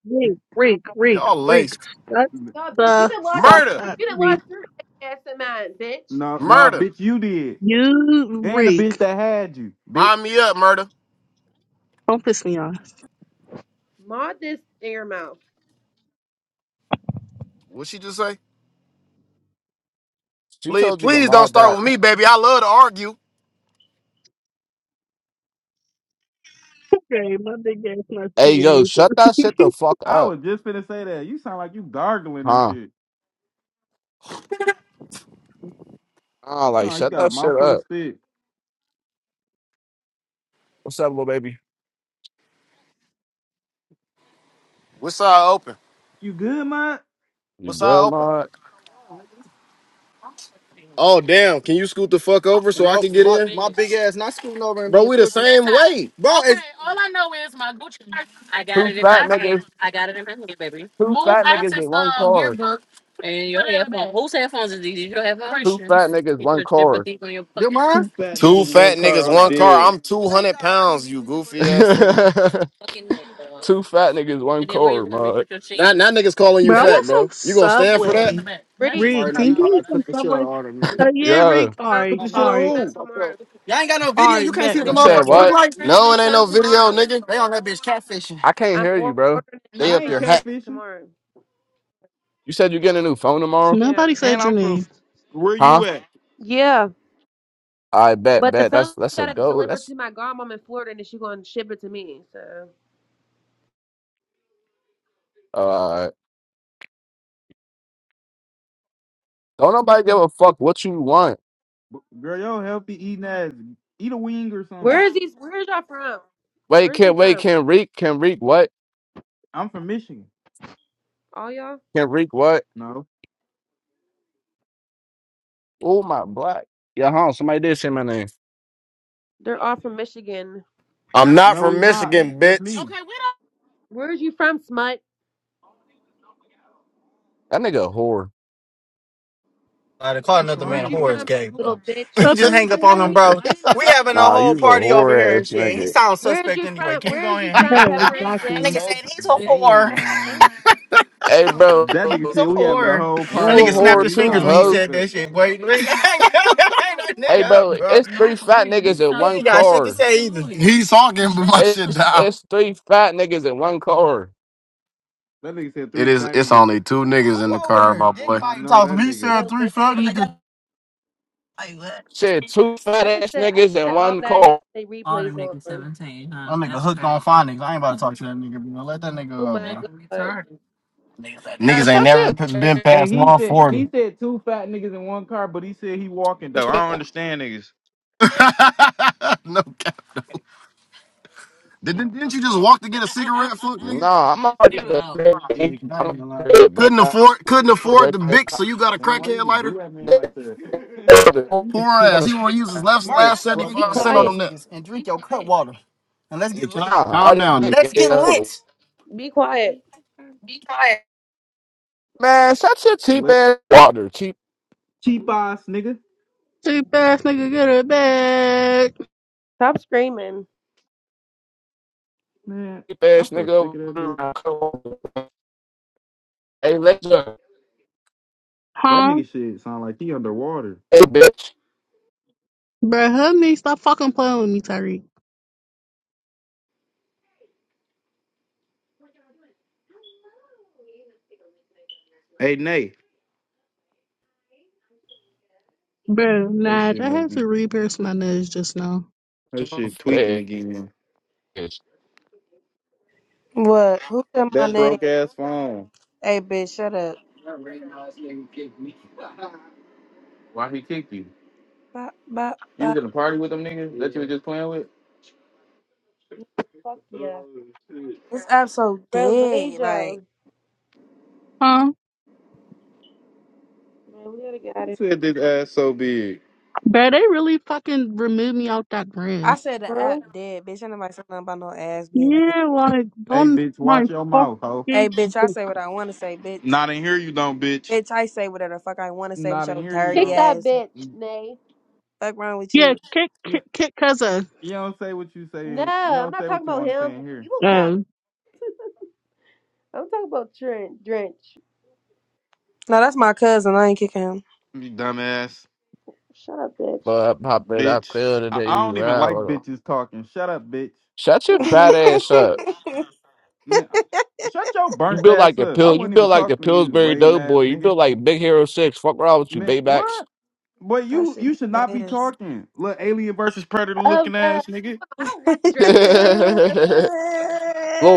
S10: Reek, reek, reek,
S5: Y'all
S10: reek.
S5: laced.
S10: Shut
S11: No, bitch, you
S10: the
S11: didn't wash your
S10: fuck
S5: Murder.
S11: bitch,
S10: up,
S11: you didn't wash
S10: reek.
S11: your ass and mine, bitch.
S4: no, no,
S5: Murder.
S4: bitch, you did,
S10: You
S4: and the bitch
S10: reek.
S4: that had you, bitch.
S5: Mind me up, murder.
S10: Don't piss me off.
S11: Maud this in your mouth.
S5: What she just say?
S8: she
S5: Please,
S8: told you to
S5: please don't
S8: mod
S5: start
S8: that.
S5: with me, baby. I love to argue.
S10: Okay, my big ass must be
S8: Hey, yo,
S10: amazing.
S8: shut that shit the fuck
S4: I
S8: up,
S4: was just finna say that. You sound like you gargling and
S8: huh?
S4: shit.
S8: Oh,
S4: You
S8: like,
S4: sound like you
S8: shut
S4: got a
S8: that shit
S4: mouthful of
S8: up.
S4: spit.
S8: What's up, little baby?
S5: What side open?
S4: You good, Mike?
S8: You
S5: What side
S8: good,
S5: open?
S8: mod?
S5: Oh damn. Can you scoot the fuck over so I can get in? Bro, being we the pushed. same way. Bro,
S8: Two fat
S5: it's
S8: niggas, two
S5: Move
S8: fat niggas
S5: Isaac's
S8: in one
S5: um
S8: car.
S5: yearbook. And your head. Whose headphones is these? Is your headphones?
S8: Two fat
S5: Christians.
S8: niggas,
S5: You
S8: one
S5: put your
S8: car.
S5: petite on your Your fucking mom.
S4: Two fat
S5: Two
S4: niggas, one
S5: fat
S4: car.
S5: niggas,
S4: I'm
S5: one car.
S4: dead.
S5: I'm 200 pounds, you goofy ass nigga. fucking headphones.
S8: two fat niggas, one
S5: And then where
S8: car,
S5: you want me to
S8: mod.
S5: put your chin? Now, now niggas calling
S10: But
S5: you
S10: I
S11: Yo,
S10: want
S5: fat,
S10: some
S5: bro. You gonna stand for all in that? the
S10: Subway.
S5: back. That's just
S11: Reek,
S10: Reek,
S5: Martin, now
S10: can
S5: you
S10: you give
S5: cutout.
S10: me some
S5: cook the shit.
S10: Subway? Uh, yeah,
S11: I'm
S8: Yeah.
S10: Reek. All
S4: Put
S10: right,
S4: the shit
S10: all
S4: on
S10: right.
S11: I'm
S4: who?
S10: All right, back,
S8: You said
S10: back, Rick.
S8: what?
S11: ordering a
S5: No,
S11: new
S5: it ain't
S11: sun tomorrow. I'm ordering a new sun
S5: no video,
S11: tomorrow.
S5: nigga. They on that
S8: I can't
S11: I'm
S8: hear you,
S11: ordering
S8: bro.
S11: a
S5: No. They
S4: I
S5: up
S11: new
S4: ain't
S11: sun
S5: there hat.
S4: catfishing.
S11: tomorrow.
S8: You said you getting a new phone tomorrow?
S11: Yeah.
S10: Nobody
S4: And
S10: said your
S4: I'm from
S10: name.
S4: Where
S8: Huh?
S4: you at?
S11: Yeah.
S8: I bet,
S11: But the
S8: bet.
S11: phone
S8: That's that's a
S11: gotta
S8: go.
S11: deliver to
S8: That's
S11: my godmom in Florida and then she gonna ship it to me. So
S8: all right. Don't nobody give a fuck what you want.
S4: B- Girl, y'all healthy eating ass. Eat a wing or
S11: where
S4: something.
S11: is these where is y'all from?
S8: Wait,
S11: Where's they
S8: can wait,
S11: from?
S8: can reek, can reek what?
S4: I'm from Michigan.
S11: All y'all?
S8: Can reek what?
S4: No.
S8: Oh my black. Yeah, huh? Somebody did say my name.
S11: They're all from Michigan.
S5: I'm not
S4: No,
S5: from
S4: we not.
S5: Michigan,
S4: Just
S5: bitch.
S4: me.
S5: Okay, we don't.
S11: Where's you from, smut?
S8: That nigga a whore.
S4: What's wrong
S11: Where's
S4: with
S11: you from,
S4: dog?
S11: little bitch?
S10: Up on the phone?
S8: Nah, you a whore ass nigga.
S11: Where's you from? Where's you from,
S10: Yeah,
S11: pepperoni
S5: Yeah.
S11: dick?
S10: exactly.
S4: Damn.
S8: Hey bro,
S4: That nigga said we having a whole
S8: you a
S4: party
S8: whore
S4: over here. He
S8: too,
S4: sounds
S8: hoe?
S4: suspect.
S8: Hey bro, it's
S5: No,
S8: three
S5: for
S8: fat
S5: real. You
S8: niggas in
S5: suck.
S8: one car.
S5: He's talking, but my shit
S8: It's
S5: down.
S8: it's three fat niggas in one car.
S4: That nigga said
S5: It
S4: three
S5: is.
S4: fat
S5: It's
S4: niggas.
S5: only two niggas in the car, my boy.
S4: I
S5: Anybody
S4: know
S5: talk to
S4: that
S5: me? He said
S11: Bro,
S4: nigga.
S5: three
S11: li-
S5: fifty. Niggas
S8: Shit, two fat
S11: I just
S8: ass
S11: said I
S8: niggas
S11: just
S8: in
S11: said all
S8: one
S11: that and they
S8: car.
S11: they replays on. Oh my god.
S8: Man,
S5: Niggas ain't
S8: shut
S5: never p- been
S8: your
S4: Hey,
S5: past
S4: he
S5: one
S4: said
S5: forty.
S4: he said two fat niggas in one car, but he said he walking though. I don't understand niggas.
S5: no cap. Didn't, didn't you just walk to get a cigarette, fuck
S8: No,
S5: nigga?
S8: I'm already at the crib. I'm at the crib, but
S5: Couldn't
S8: I
S5: afford.
S8: still
S5: Couldn't afford
S8: right
S5: the bic, so
S8: there.
S5: you got a
S4: Man, why you
S5: crackhead
S4: even
S5: lighter.
S4: do that man like that?
S5: Poor
S4: you
S8: On
S5: ass.
S8: the
S5: He want to use his
S8: side,
S5: last
S4: just
S5: last seventy
S4: fuck
S11: Be
S5: five
S4: him
S5: cent on
S11: quiet.
S4: up.
S5: them niggas. And drink your cut water. And let's get calm,
S8: Nah, I
S5: calm
S8: didn't
S5: down,
S8: dick
S5: nigga.
S8: ass.
S11: Be quiet.
S8: Man, shut your cheap
S4: Let-
S8: ass water, cheap
S4: Cheap ass nigga.
S10: Cheap ass nigga, get her back.
S11: Stop screaming.
S4: Man, I'm
S8: ass
S4: so
S8: nigga
S4: sick
S8: over
S4: of that bitch.
S8: there. Come on. Hey, laser,
S4: That
S10: Huh?
S4: nigga shit sound like he underwater.
S8: hey bitch,
S10: Bruh, help me. Stop fucking playing with me, Tyreek.
S4: Hey Nate.
S10: Bro,
S4: Her
S10: Nige,
S4: shit
S10: I
S4: must
S10: had
S4: be
S10: to re-pierce my nose just now.
S4: her
S8: Shut your
S4: shit tweaking
S8: fat
S4: again.
S8: ass.
S2: What? Who said my
S4: That
S2: name?
S4: broke ass phone.
S2: Hey, bitch, shut up.
S4: Why he kicked you?
S2: Bop, bop,
S4: You was
S2: bop.
S4: in a party with them niggas that you was just playing with?
S11: Fuck
S4: Oh
S11: yeah.
S4: shit!
S2: This app so
S11: Bro,
S2: dead. Like,
S11: Lasia.
S10: huh?
S11: Man, we gotta get out of
S4: Who
S11: here,
S4: said this ass so big?
S10: Bruh, they really fucking removed me out that
S2: I
S10: ring.
S2: said the app
S11: bro.
S2: dead, bitch. Ain't nobody saying nothing about no ass being big.
S10: Yeah, like,
S4: Hey
S10: Don't,
S4: bitch,
S10: my
S4: watch your mouth, ho.
S2: Hey,
S10: fucking
S2: bitch, I
S10: dick.
S2: say what I want to say, bitch.
S4: Not in here, you don't, bitch.
S2: Bitch, I say whatever the fuck I want to say with
S4: Not in
S2: your
S4: here, you
S2: dirty
S11: Pick
S4: don't.
S11: that
S2: ass.
S11: bitch,
S4: You,
S11: Nay.
S2: Fuck wrong with
S10: yeah,
S2: you?
S10: kick, kick, kick cousin.
S4: you don't say what you
S11: No,
S4: say. You
S11: I'm
S4: don't
S11: not
S4: say what
S11: talking
S4: you
S11: about
S4: want to say
S11: him.
S4: in here.
S11: You look dumb.
S10: Um,
S11: I'm talking about Trent Drench.
S2: No, that's my cousin. I ain't kicking him.
S4: You dumbass,
S11: Shut up, bitch.
S8: But pop it, I
S4: bitch.
S8: feel
S4: I, I
S8: today.
S4: don't even
S8: Right?
S4: like
S8: Hold on.
S4: bitches talking. Shut up, bitch.
S8: Shut your fat
S11: oh
S8: ass up.
S4: Man, I- shut your
S8: You
S4: burnt
S8: built like
S4: ass
S8: the
S4: up. I
S8: pill. You
S4: wasn't even
S8: built like the
S4: talking to you,
S8: Pillsbury
S4: lame ass
S8: Doughboy. You
S4: nigga.
S8: built like Big Hero Six. Fuck around with you,
S4: Man,
S8: Baybacks.
S4: what? Boy,
S2: that
S4: you
S2: shit
S4: you should not be
S2: ass.
S4: talking. Look, alien versus predator looking
S11: no.
S4: ass nigga.
S11: I don't like Drench. We're both, we're
S2: Damn.
S11: both leave
S8: Little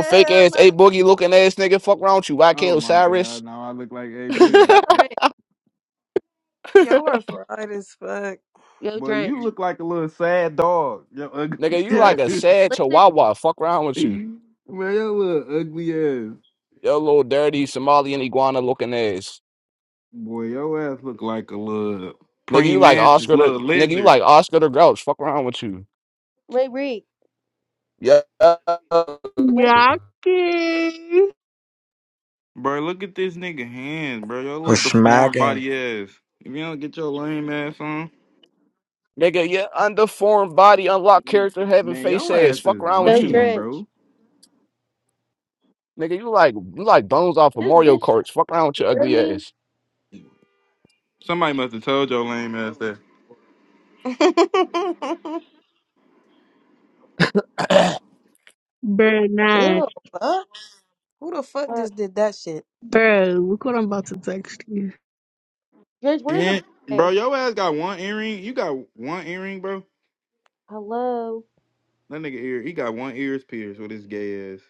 S8: fake ass, a boogie looking ass nigga. Fuck wrong with you, YK
S4: Oh my god,
S8: Osiris.
S4: now I look like a boogie.
S11: Drench.
S2: Y'all are fried as fuck.
S11: Go
S4: Boy, you
S11: Drench.
S4: look like a little sad dog. Yo,
S8: nigga,
S4: ugly.
S8: you
S11: Can
S8: like
S11: this
S8: a
S4: Yeah.
S8: sad
S11: bitch listen?
S8: chihuahua. Fuck wrong with you.
S4: Man, your little ugly ass.
S8: Yo, little dirty Somalian iguana looking ass.
S4: Boy, your ass look like a little
S8: Nigga, you like
S4: pre-mantis
S8: Oscar the
S4: little
S8: nigga, you
S4: lizard.
S8: like Oscar the Grouch. Fuck wrong with you.
S11: Wait, wait,
S8: Yeah.
S11: Wait,
S10: Yaki.
S4: Bro, look at this nigga hands, bro. Your
S12: We're
S4: little deformed
S12: smacking.
S4: body ass. If you don't get your lame ass on,
S8: Nigga, your underformed body, unlocked character, having
S4: man,
S8: face
S4: your
S8: ass.
S4: ass
S8: Fuck
S4: is
S8: wrong with
S11: go
S8: you.
S4: lame,
S11: Drench.
S4: bro.
S8: Nigga, you like you like bones off of
S11: This
S8: Mario
S11: bitch,
S8: Karts. Fuck around with your
S11: hear
S8: ugly
S11: me?
S8: ass.
S4: Somebody must have told your lame ass that.
S10: bro,
S2: Who the
S11: Ew.
S2: fuck? Who the fuck
S11: Uh,
S2: just did that shit?
S10: Bro, look what I'm about to text you.
S11: Drench, when is your
S4: And, bro,
S11: birthday?
S4: your ass got one earring. You got one earring, bro.
S11: Hello.
S4: That nigga ear, he got one ears pierced with his gay ass.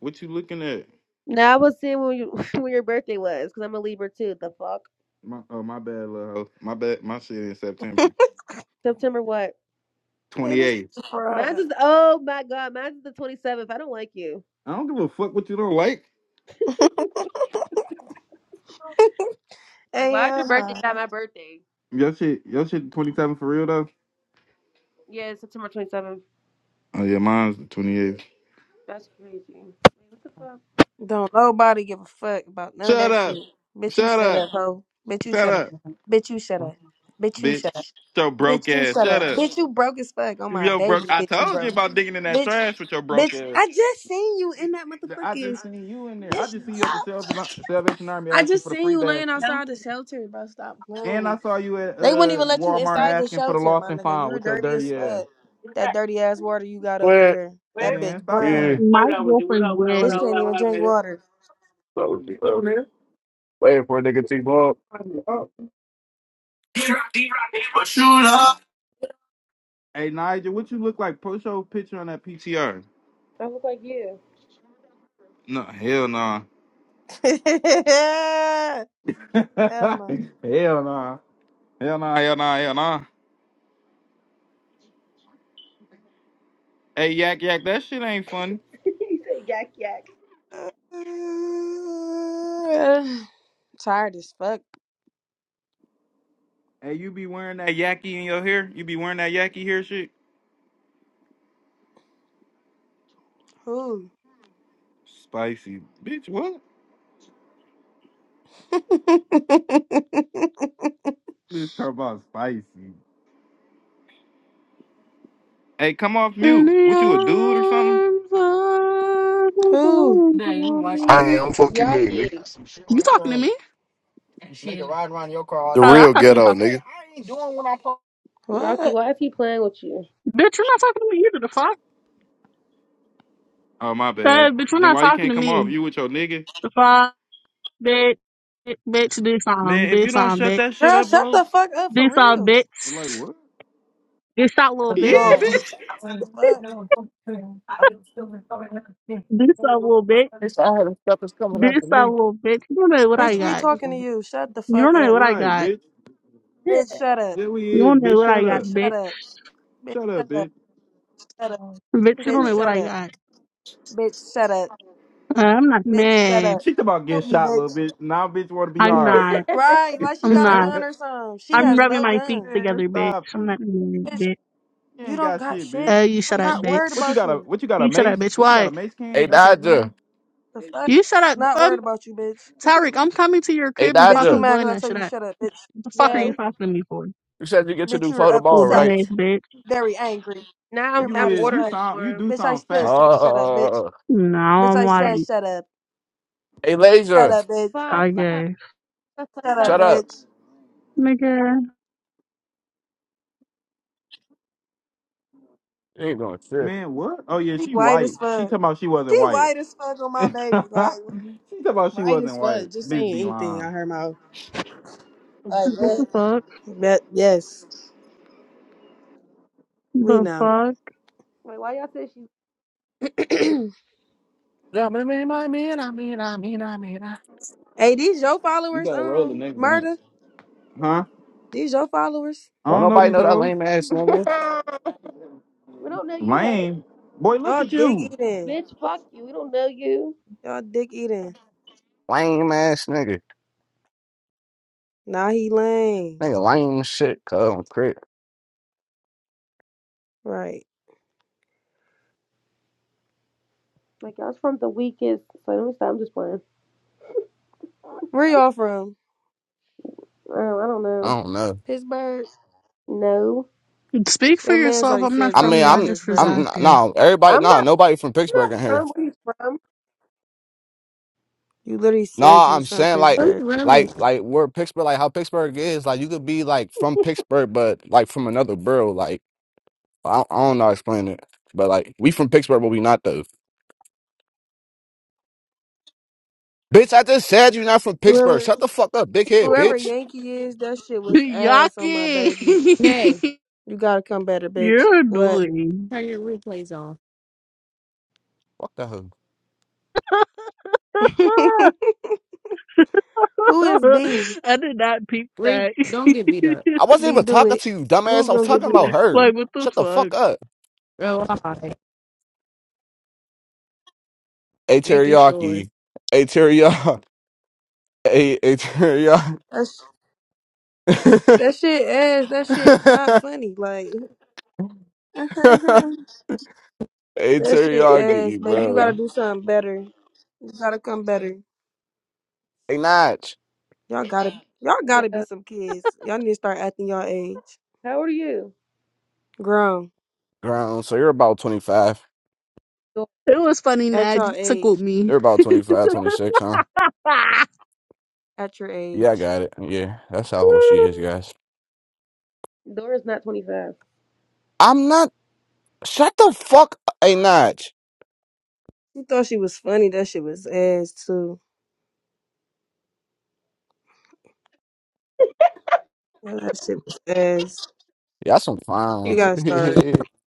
S4: What you looking at?
S11: Now I was seeing when, you, when your birthday was, because I'm a Libra too. The fuck?
S4: My, oh, my bad, little hoe. My bad, my shit in
S2: it
S4: September.
S11: September what?
S2: is
S4: twenty-eighth.
S11: Mine's
S2: fried.
S11: is, oh my god, mine's is the 27th. I don't like you.
S4: I don't give a fuck what you don't like.
S11: Like, why is your
S2: Hell
S11: birthday not
S2: no.
S11: my birthday?
S4: Your shit, your shit, twenty seven for real though.
S11: Yeah, it's September 27th.
S4: Oh yeah, mine's the twenty eighth.
S11: That's crazy. What the fuck?
S2: Don't nobody give a fuck about none of
S4: Shut
S2: that
S4: up,
S2: shit. Bitch, you
S4: shut
S2: shut
S4: up,
S2: up, hoe. Bitch, you
S4: shut
S2: shut up.
S4: up,
S2: Bitch, you shut up. Bitch, you
S4: bitch.
S2: shut up.
S4: Your broke
S2: Bitch, you
S4: ass.
S2: shut
S4: Shut
S2: up.
S4: up.
S2: Bitch, you broke as fuck on my
S4: Yo,
S2: baby.
S4: broke. I
S2: Bitch, you
S4: told you
S2: broke.
S4: about digging in that
S2: Bitch,
S4: trash with your broke
S2: bitch,
S4: ass.
S2: I just seen you in
S4: Hey,
S2: that
S4: I
S2: motherfucking.
S4: just seen you in there. I
S2: Bitch,
S4: just see you at the
S2: stop.
S4: Salv- Salvation Army
S2: I
S4: asking
S2: just
S4: for the
S2: seen
S4: free
S2: you laying
S4: basket,
S2: outside the shelter, bro. Stop playing with
S4: and I
S2: me.
S4: saw you at
S2: They wouldn't
S4: uh
S2: even let you
S4: Walmart
S2: inside the
S4: asking for the
S2: shelter, my
S4: lost and
S2: nigga.
S4: found
S2: You're
S4: with your
S2: dirty as
S4: dirty ass.
S2: fuck. That dirty ass water you got
S8: Go
S2: over
S8: ahead.
S2: there. That bitch
S4: Man, stop
S2: brown.
S8: Yeah.
S4: playing.
S10: My girlfriend's dead.
S2: Bitch can't even drink water.
S8: Wait for But
S4: Hey Nigel, what you look like? Post your picture on that PTR.
S11: I look like you.
S4: No, hell no. hell
S2: Hell no.
S4: nah. Hell nah, hell nah, hell nah. Hey, Yak Yak, that shit ain't funny.
S11: you say yak yak.
S2: Tired as fuck.
S4: Hey, you be wearing that Yaki in your hair? You be wearing that Yaki hair shit?
S2: Who?
S4: Spicy. Bitch, what? Bitch, talk about spicy. Hey, come off
S10: In
S4: mute.
S10: the
S4: What, you a dude or something?
S10: arms of
S2: Who?
S10: the
S5: Let's I
S10: danger.
S5: am fuck you mean,
S11: Yaki.
S5: nigga.
S10: You talking to me?
S5: nigga ride around your car. all The day.
S10: Uh, I
S5: real
S10: thought she was
S5: ghetto,
S10: talking.
S5: nigga.
S11: Yaki,
S2: What?
S11: why is he playing with you?
S10: Bitch, you're not talking to me either. The fuck?
S4: Oh, my
S10: Hey,
S4: bad.
S10: bitch, you're
S4: Then
S10: not
S4: why you
S10: talking
S4: can't
S10: to
S4: come off?
S10: me.
S4: You with your nigga?
S10: The fuck? Bitch, bitch, this song,
S4: Man, if you
S10: this
S4: don't
S10: song,
S4: shut
S10: bitch,
S4: that shit
S2: Girl,
S4: up,
S2: shut
S4: bro.
S2: the fuck up for
S10: this song,
S2: real.
S10: bitch,
S4: And like, what?
S10: this out little bitch,
S4: Yeah,
S2: No.
S4: bitch.
S2: The fuck?
S10: this out little bitch, this out little bitch. You don't know what I
S2: Bitch, we
S10: got.
S2: talking to you. Shut the
S10: You
S2: fuck
S10: don't know
S2: up.
S10: what I
S4: Right,
S10: got.
S4: bitch.
S2: Bitch, shut up.
S4: There
S10: You
S4: we is,
S10: don't know
S4: bitch.
S10: what I
S4: Shut
S10: got,
S2: Bitch,
S4: up.
S2: shut
S10: bitch.
S2: up. Bitch,
S4: Shut
S2: shut
S4: up,
S2: up.
S4: bitch.
S2: Shut up.
S10: Bitch, you don't
S2: Bitch,
S10: know what
S2: shut
S10: I
S2: up.
S10: got.
S2: Bitch, shut up.
S10: Uh, I'm not
S2: Bitch, shut
S10: mad.
S2: up.
S4: She about to get
S2: Shoot me,
S4: shot, little
S2: bitch.
S4: bitch. Now, bitch, want to be
S10: I'm
S4: hard.
S10: not.
S2: Right, like she
S10: I'm
S2: got a
S10: not.
S2: gun or something. She
S10: I'm
S2: has
S10: rubbing
S2: no
S10: my feet
S2: gun.
S4: Man,
S10: together, bitch.
S4: stop it.
S10: I'm
S4: You
S10: not mad,
S2: Bitch,
S10: bitch.
S2: you
S4: ain't
S2: don't
S4: got
S2: got
S4: shit, bitch.
S2: shit.
S10: Uh, you
S2: I'm
S10: shut up,
S2: not worried
S4: What you
S10: bitch.
S2: about
S4: got a
S2: you.
S4: what you got a
S10: You shut up,
S4: mace?
S10: bitch.
S4: What you got a
S10: Why?
S4: mace
S8: Hey
S4: can? That's your gun?
S8: Dodger.
S2: The fuck?
S10: You shut up.
S2: Not
S10: Um,
S2: worried about you, bitch.
S10: Tyreek, I'm coming to your
S8: Hey
S10: crib and
S2: Bitch, you
S8: Dodger.
S10: fucking
S2: mad
S10: blowing
S2: because I
S10: that
S2: told
S10: shit
S2: you
S10: up.
S2: shut up, bitch.
S10: What the fuck
S2: Shut
S10: are you
S2: up.
S11: Yo,
S10: talking to me for?
S8: You said you get your
S2: Bitch,
S8: new
S2: you were
S8: phone tomorrow,
S10: Old
S2: upset,
S8: right?
S10: dumbass bitch.
S2: very angry.
S11: now
S2: You're
S11: I'm
S4: You
S2: mad
S11: I'm
S2: as
S4: is you
S11: ordering
S2: fuck.
S11: this
S4: sound you
S11: for him.
S4: do
S2: Bitch, I
S4: sound
S2: still
S4: fat.
S2: said shut up, bitch.
S8: Uh
S10: No,
S2: Bitch,
S10: I'm
S2: I
S10: like,
S2: said shut up.
S8: Hey
S2: Shut
S8: Laser.
S2: up, bitch.
S11: Five,
S10: I
S11: five,
S10: guess.
S11: five, five,
S2: Shut up,
S8: Shut
S11: five.
S8: up.
S2: bitch.
S10: Nigga,
S8: You ain't doing shit.
S4: Man, what? Oh yeah,
S2: She
S4: she
S2: white as
S4: white. She
S2: fuck.
S4: talking about she
S2: She
S4: wasn't white.
S2: white as fuck on my
S4: she
S2: baby. Like,
S4: talking about she
S2: white
S4: wasn't
S2: as fuck.
S4: white.
S2: Just
S4: Bitch
S2: saying
S4: be
S2: anything
S4: lying.
S2: out her mouth. Like,
S10: what
S2: what?
S10: the fuck?
S2: But, yes, we
S10: The
S2: know.
S10: fuck?
S11: Wait, why y'all say she?
S2: hey,
S8: Yeah, I mean, I mean, I mean, I mean, I mean, I
S2: these your
S4: You
S2: followers,
S4: gotta roll the
S2: um,
S4: next gun.
S2: murder.
S4: Huh?
S2: These your followers.
S4: I
S8: Don't
S4: don't know
S8: nobody
S4: these
S8: know that
S4: hoes.
S8: lame ass nigga.
S11: we don't know you, huh?
S4: Lame. Boy, look
S2: Y'all
S4: at
S2: dick
S4: you.
S2: eating.
S11: Bitch, fuck you. We don't know you.
S2: Y'all dick eating.
S8: Lame ass nigga.
S2: Nah, he lame.
S8: Nigga lame shit, cuz I'm crit.
S2: Right.
S11: Like y'all's from the weakest. So let me stop. I'm just playing.
S2: Where y'all from?
S11: Oh, I don't
S8: I
S11: know.
S8: don't know.
S2: Pittsburgh.
S11: No,
S10: Speak for
S2: Your man's
S10: yourself.
S2: already
S10: I'm not
S2: said
S8: I
S2: y'all
S10: from
S2: was
S8: mean,
S10: there.
S2: from
S10: I
S8: I'm
S10: just
S2: Pittsburgh.
S10: reside
S8: I'm
S10: there.
S8: no everybody
S11: I'm
S8: no,
S11: not.
S8: nobody from
S11: I'm
S8: Pittsburgh
S11: not
S8: in here.
S11: from where he's from.
S2: You literally
S8: No,
S2: said you
S8: I'm
S2: was from
S8: saying like
S13: This
S2: Pittsburgh.
S13: room
S8: like
S13: is
S8: like we're Pittsburgh like how Pittsburgh is, like you could be like from Pittsburgh but like from another borough. Like I, I don't know how to explain it, but like we from Pittsburgh, but we not though. Bitch, I just said you not from Pittsburgh.
S2: Whoever
S8: Shut the fuck up, big head,
S2: whoever
S8: bitch.
S2: Yankee is, that shit was ass on my baby.
S13: nay.
S10: Yucky!
S2: You gotta come better, bitch.
S10: You're
S2: What?
S10: annoying.
S13: Turn your replays off.
S8: Fuck that hoe.
S2: Who is B?
S10: I did not peep
S13: Re
S10: that.
S13: don't get beat up.
S8: I wasn't
S2: B
S8: even
S2: do
S8: talking
S2: it.
S8: to you, dumbass.
S2: Who
S8: I was
S2: gonna get
S8: talking
S2: beat
S8: about
S2: up?
S8: her.
S10: like, what the
S8: Shut the
S10: fuck?
S8: fuck up.
S13: Oh, hi.
S8: Hey
S13: Making sure.
S8: teriyaki. Hey teriyaki. Hey, hey teriyaki.
S2: That's, that shit ass. That shit not funny. Like that
S8: hey
S2: shit ass,
S8: teriyaki,
S2: baby. You gotta
S8: bro.
S2: do something better. You gotta come better.
S8: Hey Notch.
S2: Y'all gotta y'all gotta be
S11: Yeah.
S2: some kids. Y'all need to start acting y'all age.
S11: How old are you?
S2: Grown.
S8: Ground. So you're about 25.
S11: Dor-
S10: It was funny,
S2: At
S10: Nad.
S2: your
S10: You tickled
S2: age,
S10: me.
S8: You're about 25, 26, huh?
S2: at your
S8: Yeah, I
S2: age,
S8: got it. Yeah, that's how old she is, guys.
S11: Dora's not 25.
S8: I'm not. Shut the fuck a Notch.
S2: She thought she was funny. That shit was ass too. That shit was ass.
S8: Y'all some
S2: You
S8: clowns.
S13: You
S2: gotta start
S8: Y'all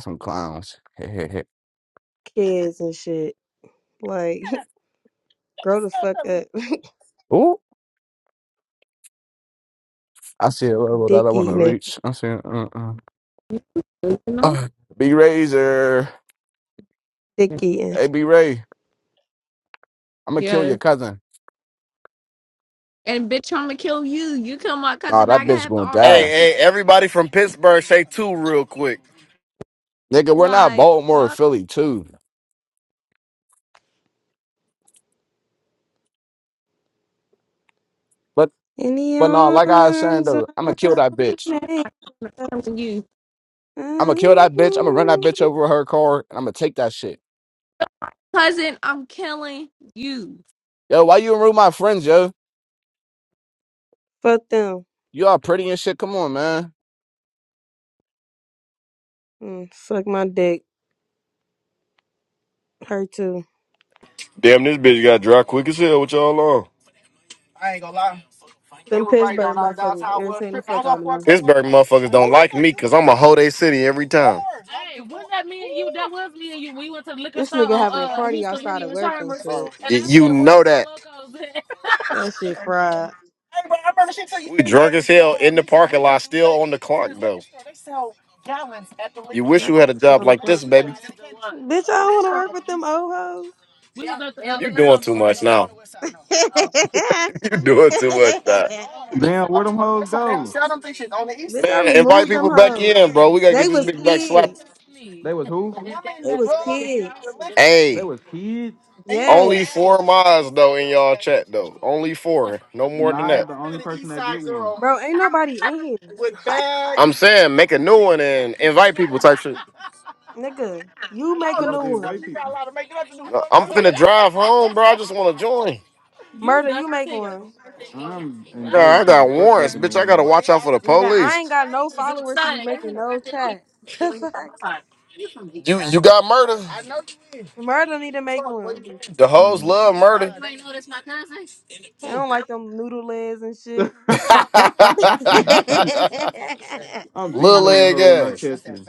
S8: some clowns.
S2: kids and shit. Like, grow the fuck up.
S8: Ooh, I see a level that
S2: dick
S8: I want to
S2: eating it.
S8: reach. I see, uh-uh.
S13: know?
S8: Uh, B Razor.
S2: Dick eating.
S8: Hey, B Ray, I'm going to kill
S13: Yeah.
S8: your cousin.
S13: And bitch, I'ma kill you. You kill my
S8: Nah,
S13: cousin.
S8: that
S13: I
S8: bitch
S13: have
S8: going to
S13: all
S5: Hey,
S8: die.
S13: rights to
S5: hey, everybody from Pittsburgh, say two real quick.
S8: Nigga, we're not
S13: like
S8: Baltimore or
S13: fuck.
S8: Philly, too. But,
S2: In the
S8: but nah, like I was saying,
S2: arms of
S8: though, I'm going to kill that bitch.
S2: an
S13: I'm killing you,
S8: I'm going to kill that bitch. I'm going to run that bitch
S2: angel.
S8: over with her car, and I'm going to take that shit.
S13: cousin. I'm killing you.
S8: Yo, why you ruin my friends, yo?
S2: Fuck them.
S8: You all pretty and shit. Come on, man.
S2: Mm, fuck my dick. Her too.
S5: Damn, this bitch got dry quick as hell. What y'all on?
S2: Them Pittsburgh
S5: our
S2: motherfuckers irritating the fuck out of me.
S5: Pittsburgh motherfuckers don't like me because I'm a whole day city every time. was that me and you? That was me and you. We went to the liquor
S2: This
S5: store
S2: nigga
S5: on
S2: having a
S5: uh
S2: party
S5: Houston
S2: outside
S5: William
S2: of
S5: and
S2: work and
S5: Chambers, and
S2: shit.
S5: Y- I You said, "Where know the that. locos at?" Hey,
S2: That shit fried.
S5: We drunk as hell in the parking lot, still on the clock, though. You wish
S2: Not
S5: you store. had a
S2: the
S5: job
S2: on the
S5: like
S2: clock.
S5: this, baby.
S2: Bitch, I don't want to work with them old
S5: We was at the You doing too much now. You
S2: hoes.
S5: doing too much now.
S4: Damn, where them hoes go?
S2: Bitch, I
S5: Man, invite
S2: removed them
S5: people back in,
S2: hoes.
S5: bro. We gotta get
S2: They
S5: this
S2: was
S5: bitch back
S2: kids.
S5: slapped.
S4: They was who?
S2: They was kids.
S4: They
S5: Hey,
S4: was kids.
S2: Yes.
S5: only four miles though in y'all chat though. Only four, no more than
S4: Nah
S5: that.
S4: is the only person that get one.
S2: Bro, ain't nobody in here. Like,
S5: I'm saying make a new one and invite people type shit.
S2: nigga, you make
S4: I'm
S2: a
S4: about
S2: new
S4: to invite
S2: one.
S4: people.
S5: No, I'm than finna drive home, bro. I just want to join. You
S2: Murder,
S5: done
S2: you make
S5: as
S2: one.
S5: hell.
S4: I'm
S5: I
S4: inviting
S5: got, I
S4: people
S5: got
S4: fuck back
S5: warrants,
S4: in the
S5: bitch. I gotta watch out for the
S2: Nigga, I
S5: police.
S2: ain't got no followers to be making no chat. The fuck?
S5: You you got murder. is.
S2: Murder need to make one.
S5: The
S4: room.
S5: hoes
S4: Alright.
S5: love murder. You ain't know that's my cousin?
S2: I don't like them noodle legs and shit.
S4: I'm
S5: Little
S4: beating on the
S5: leg
S4: hoe when I
S5: ass.
S4: catch you.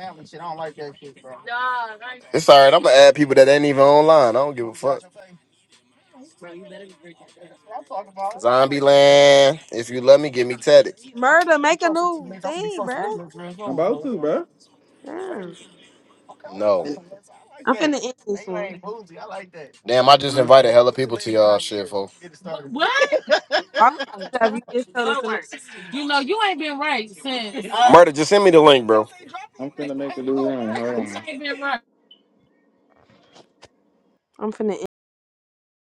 S5: Nah, right. It's all right. I'm gonna add people that ain't even online. I don't give a fuck. Zombie land. If you love me, give me tatted.
S2: Murder, make a new thing, bruh.
S4: I'm about to, bro.
S2: Damn.
S5: No.
S2: I'm finna end this one.
S5: Damn, I just
S4: Huh?
S5: invited hella people to y'all shit, folks. What?
S2: Why would you have you just told us to make?
S5: You know, you ain't been right since. Murder, just send me the link, bro.
S4: I'm finna make a new room. Hold on.
S5: ain't been right.
S2: I'm finna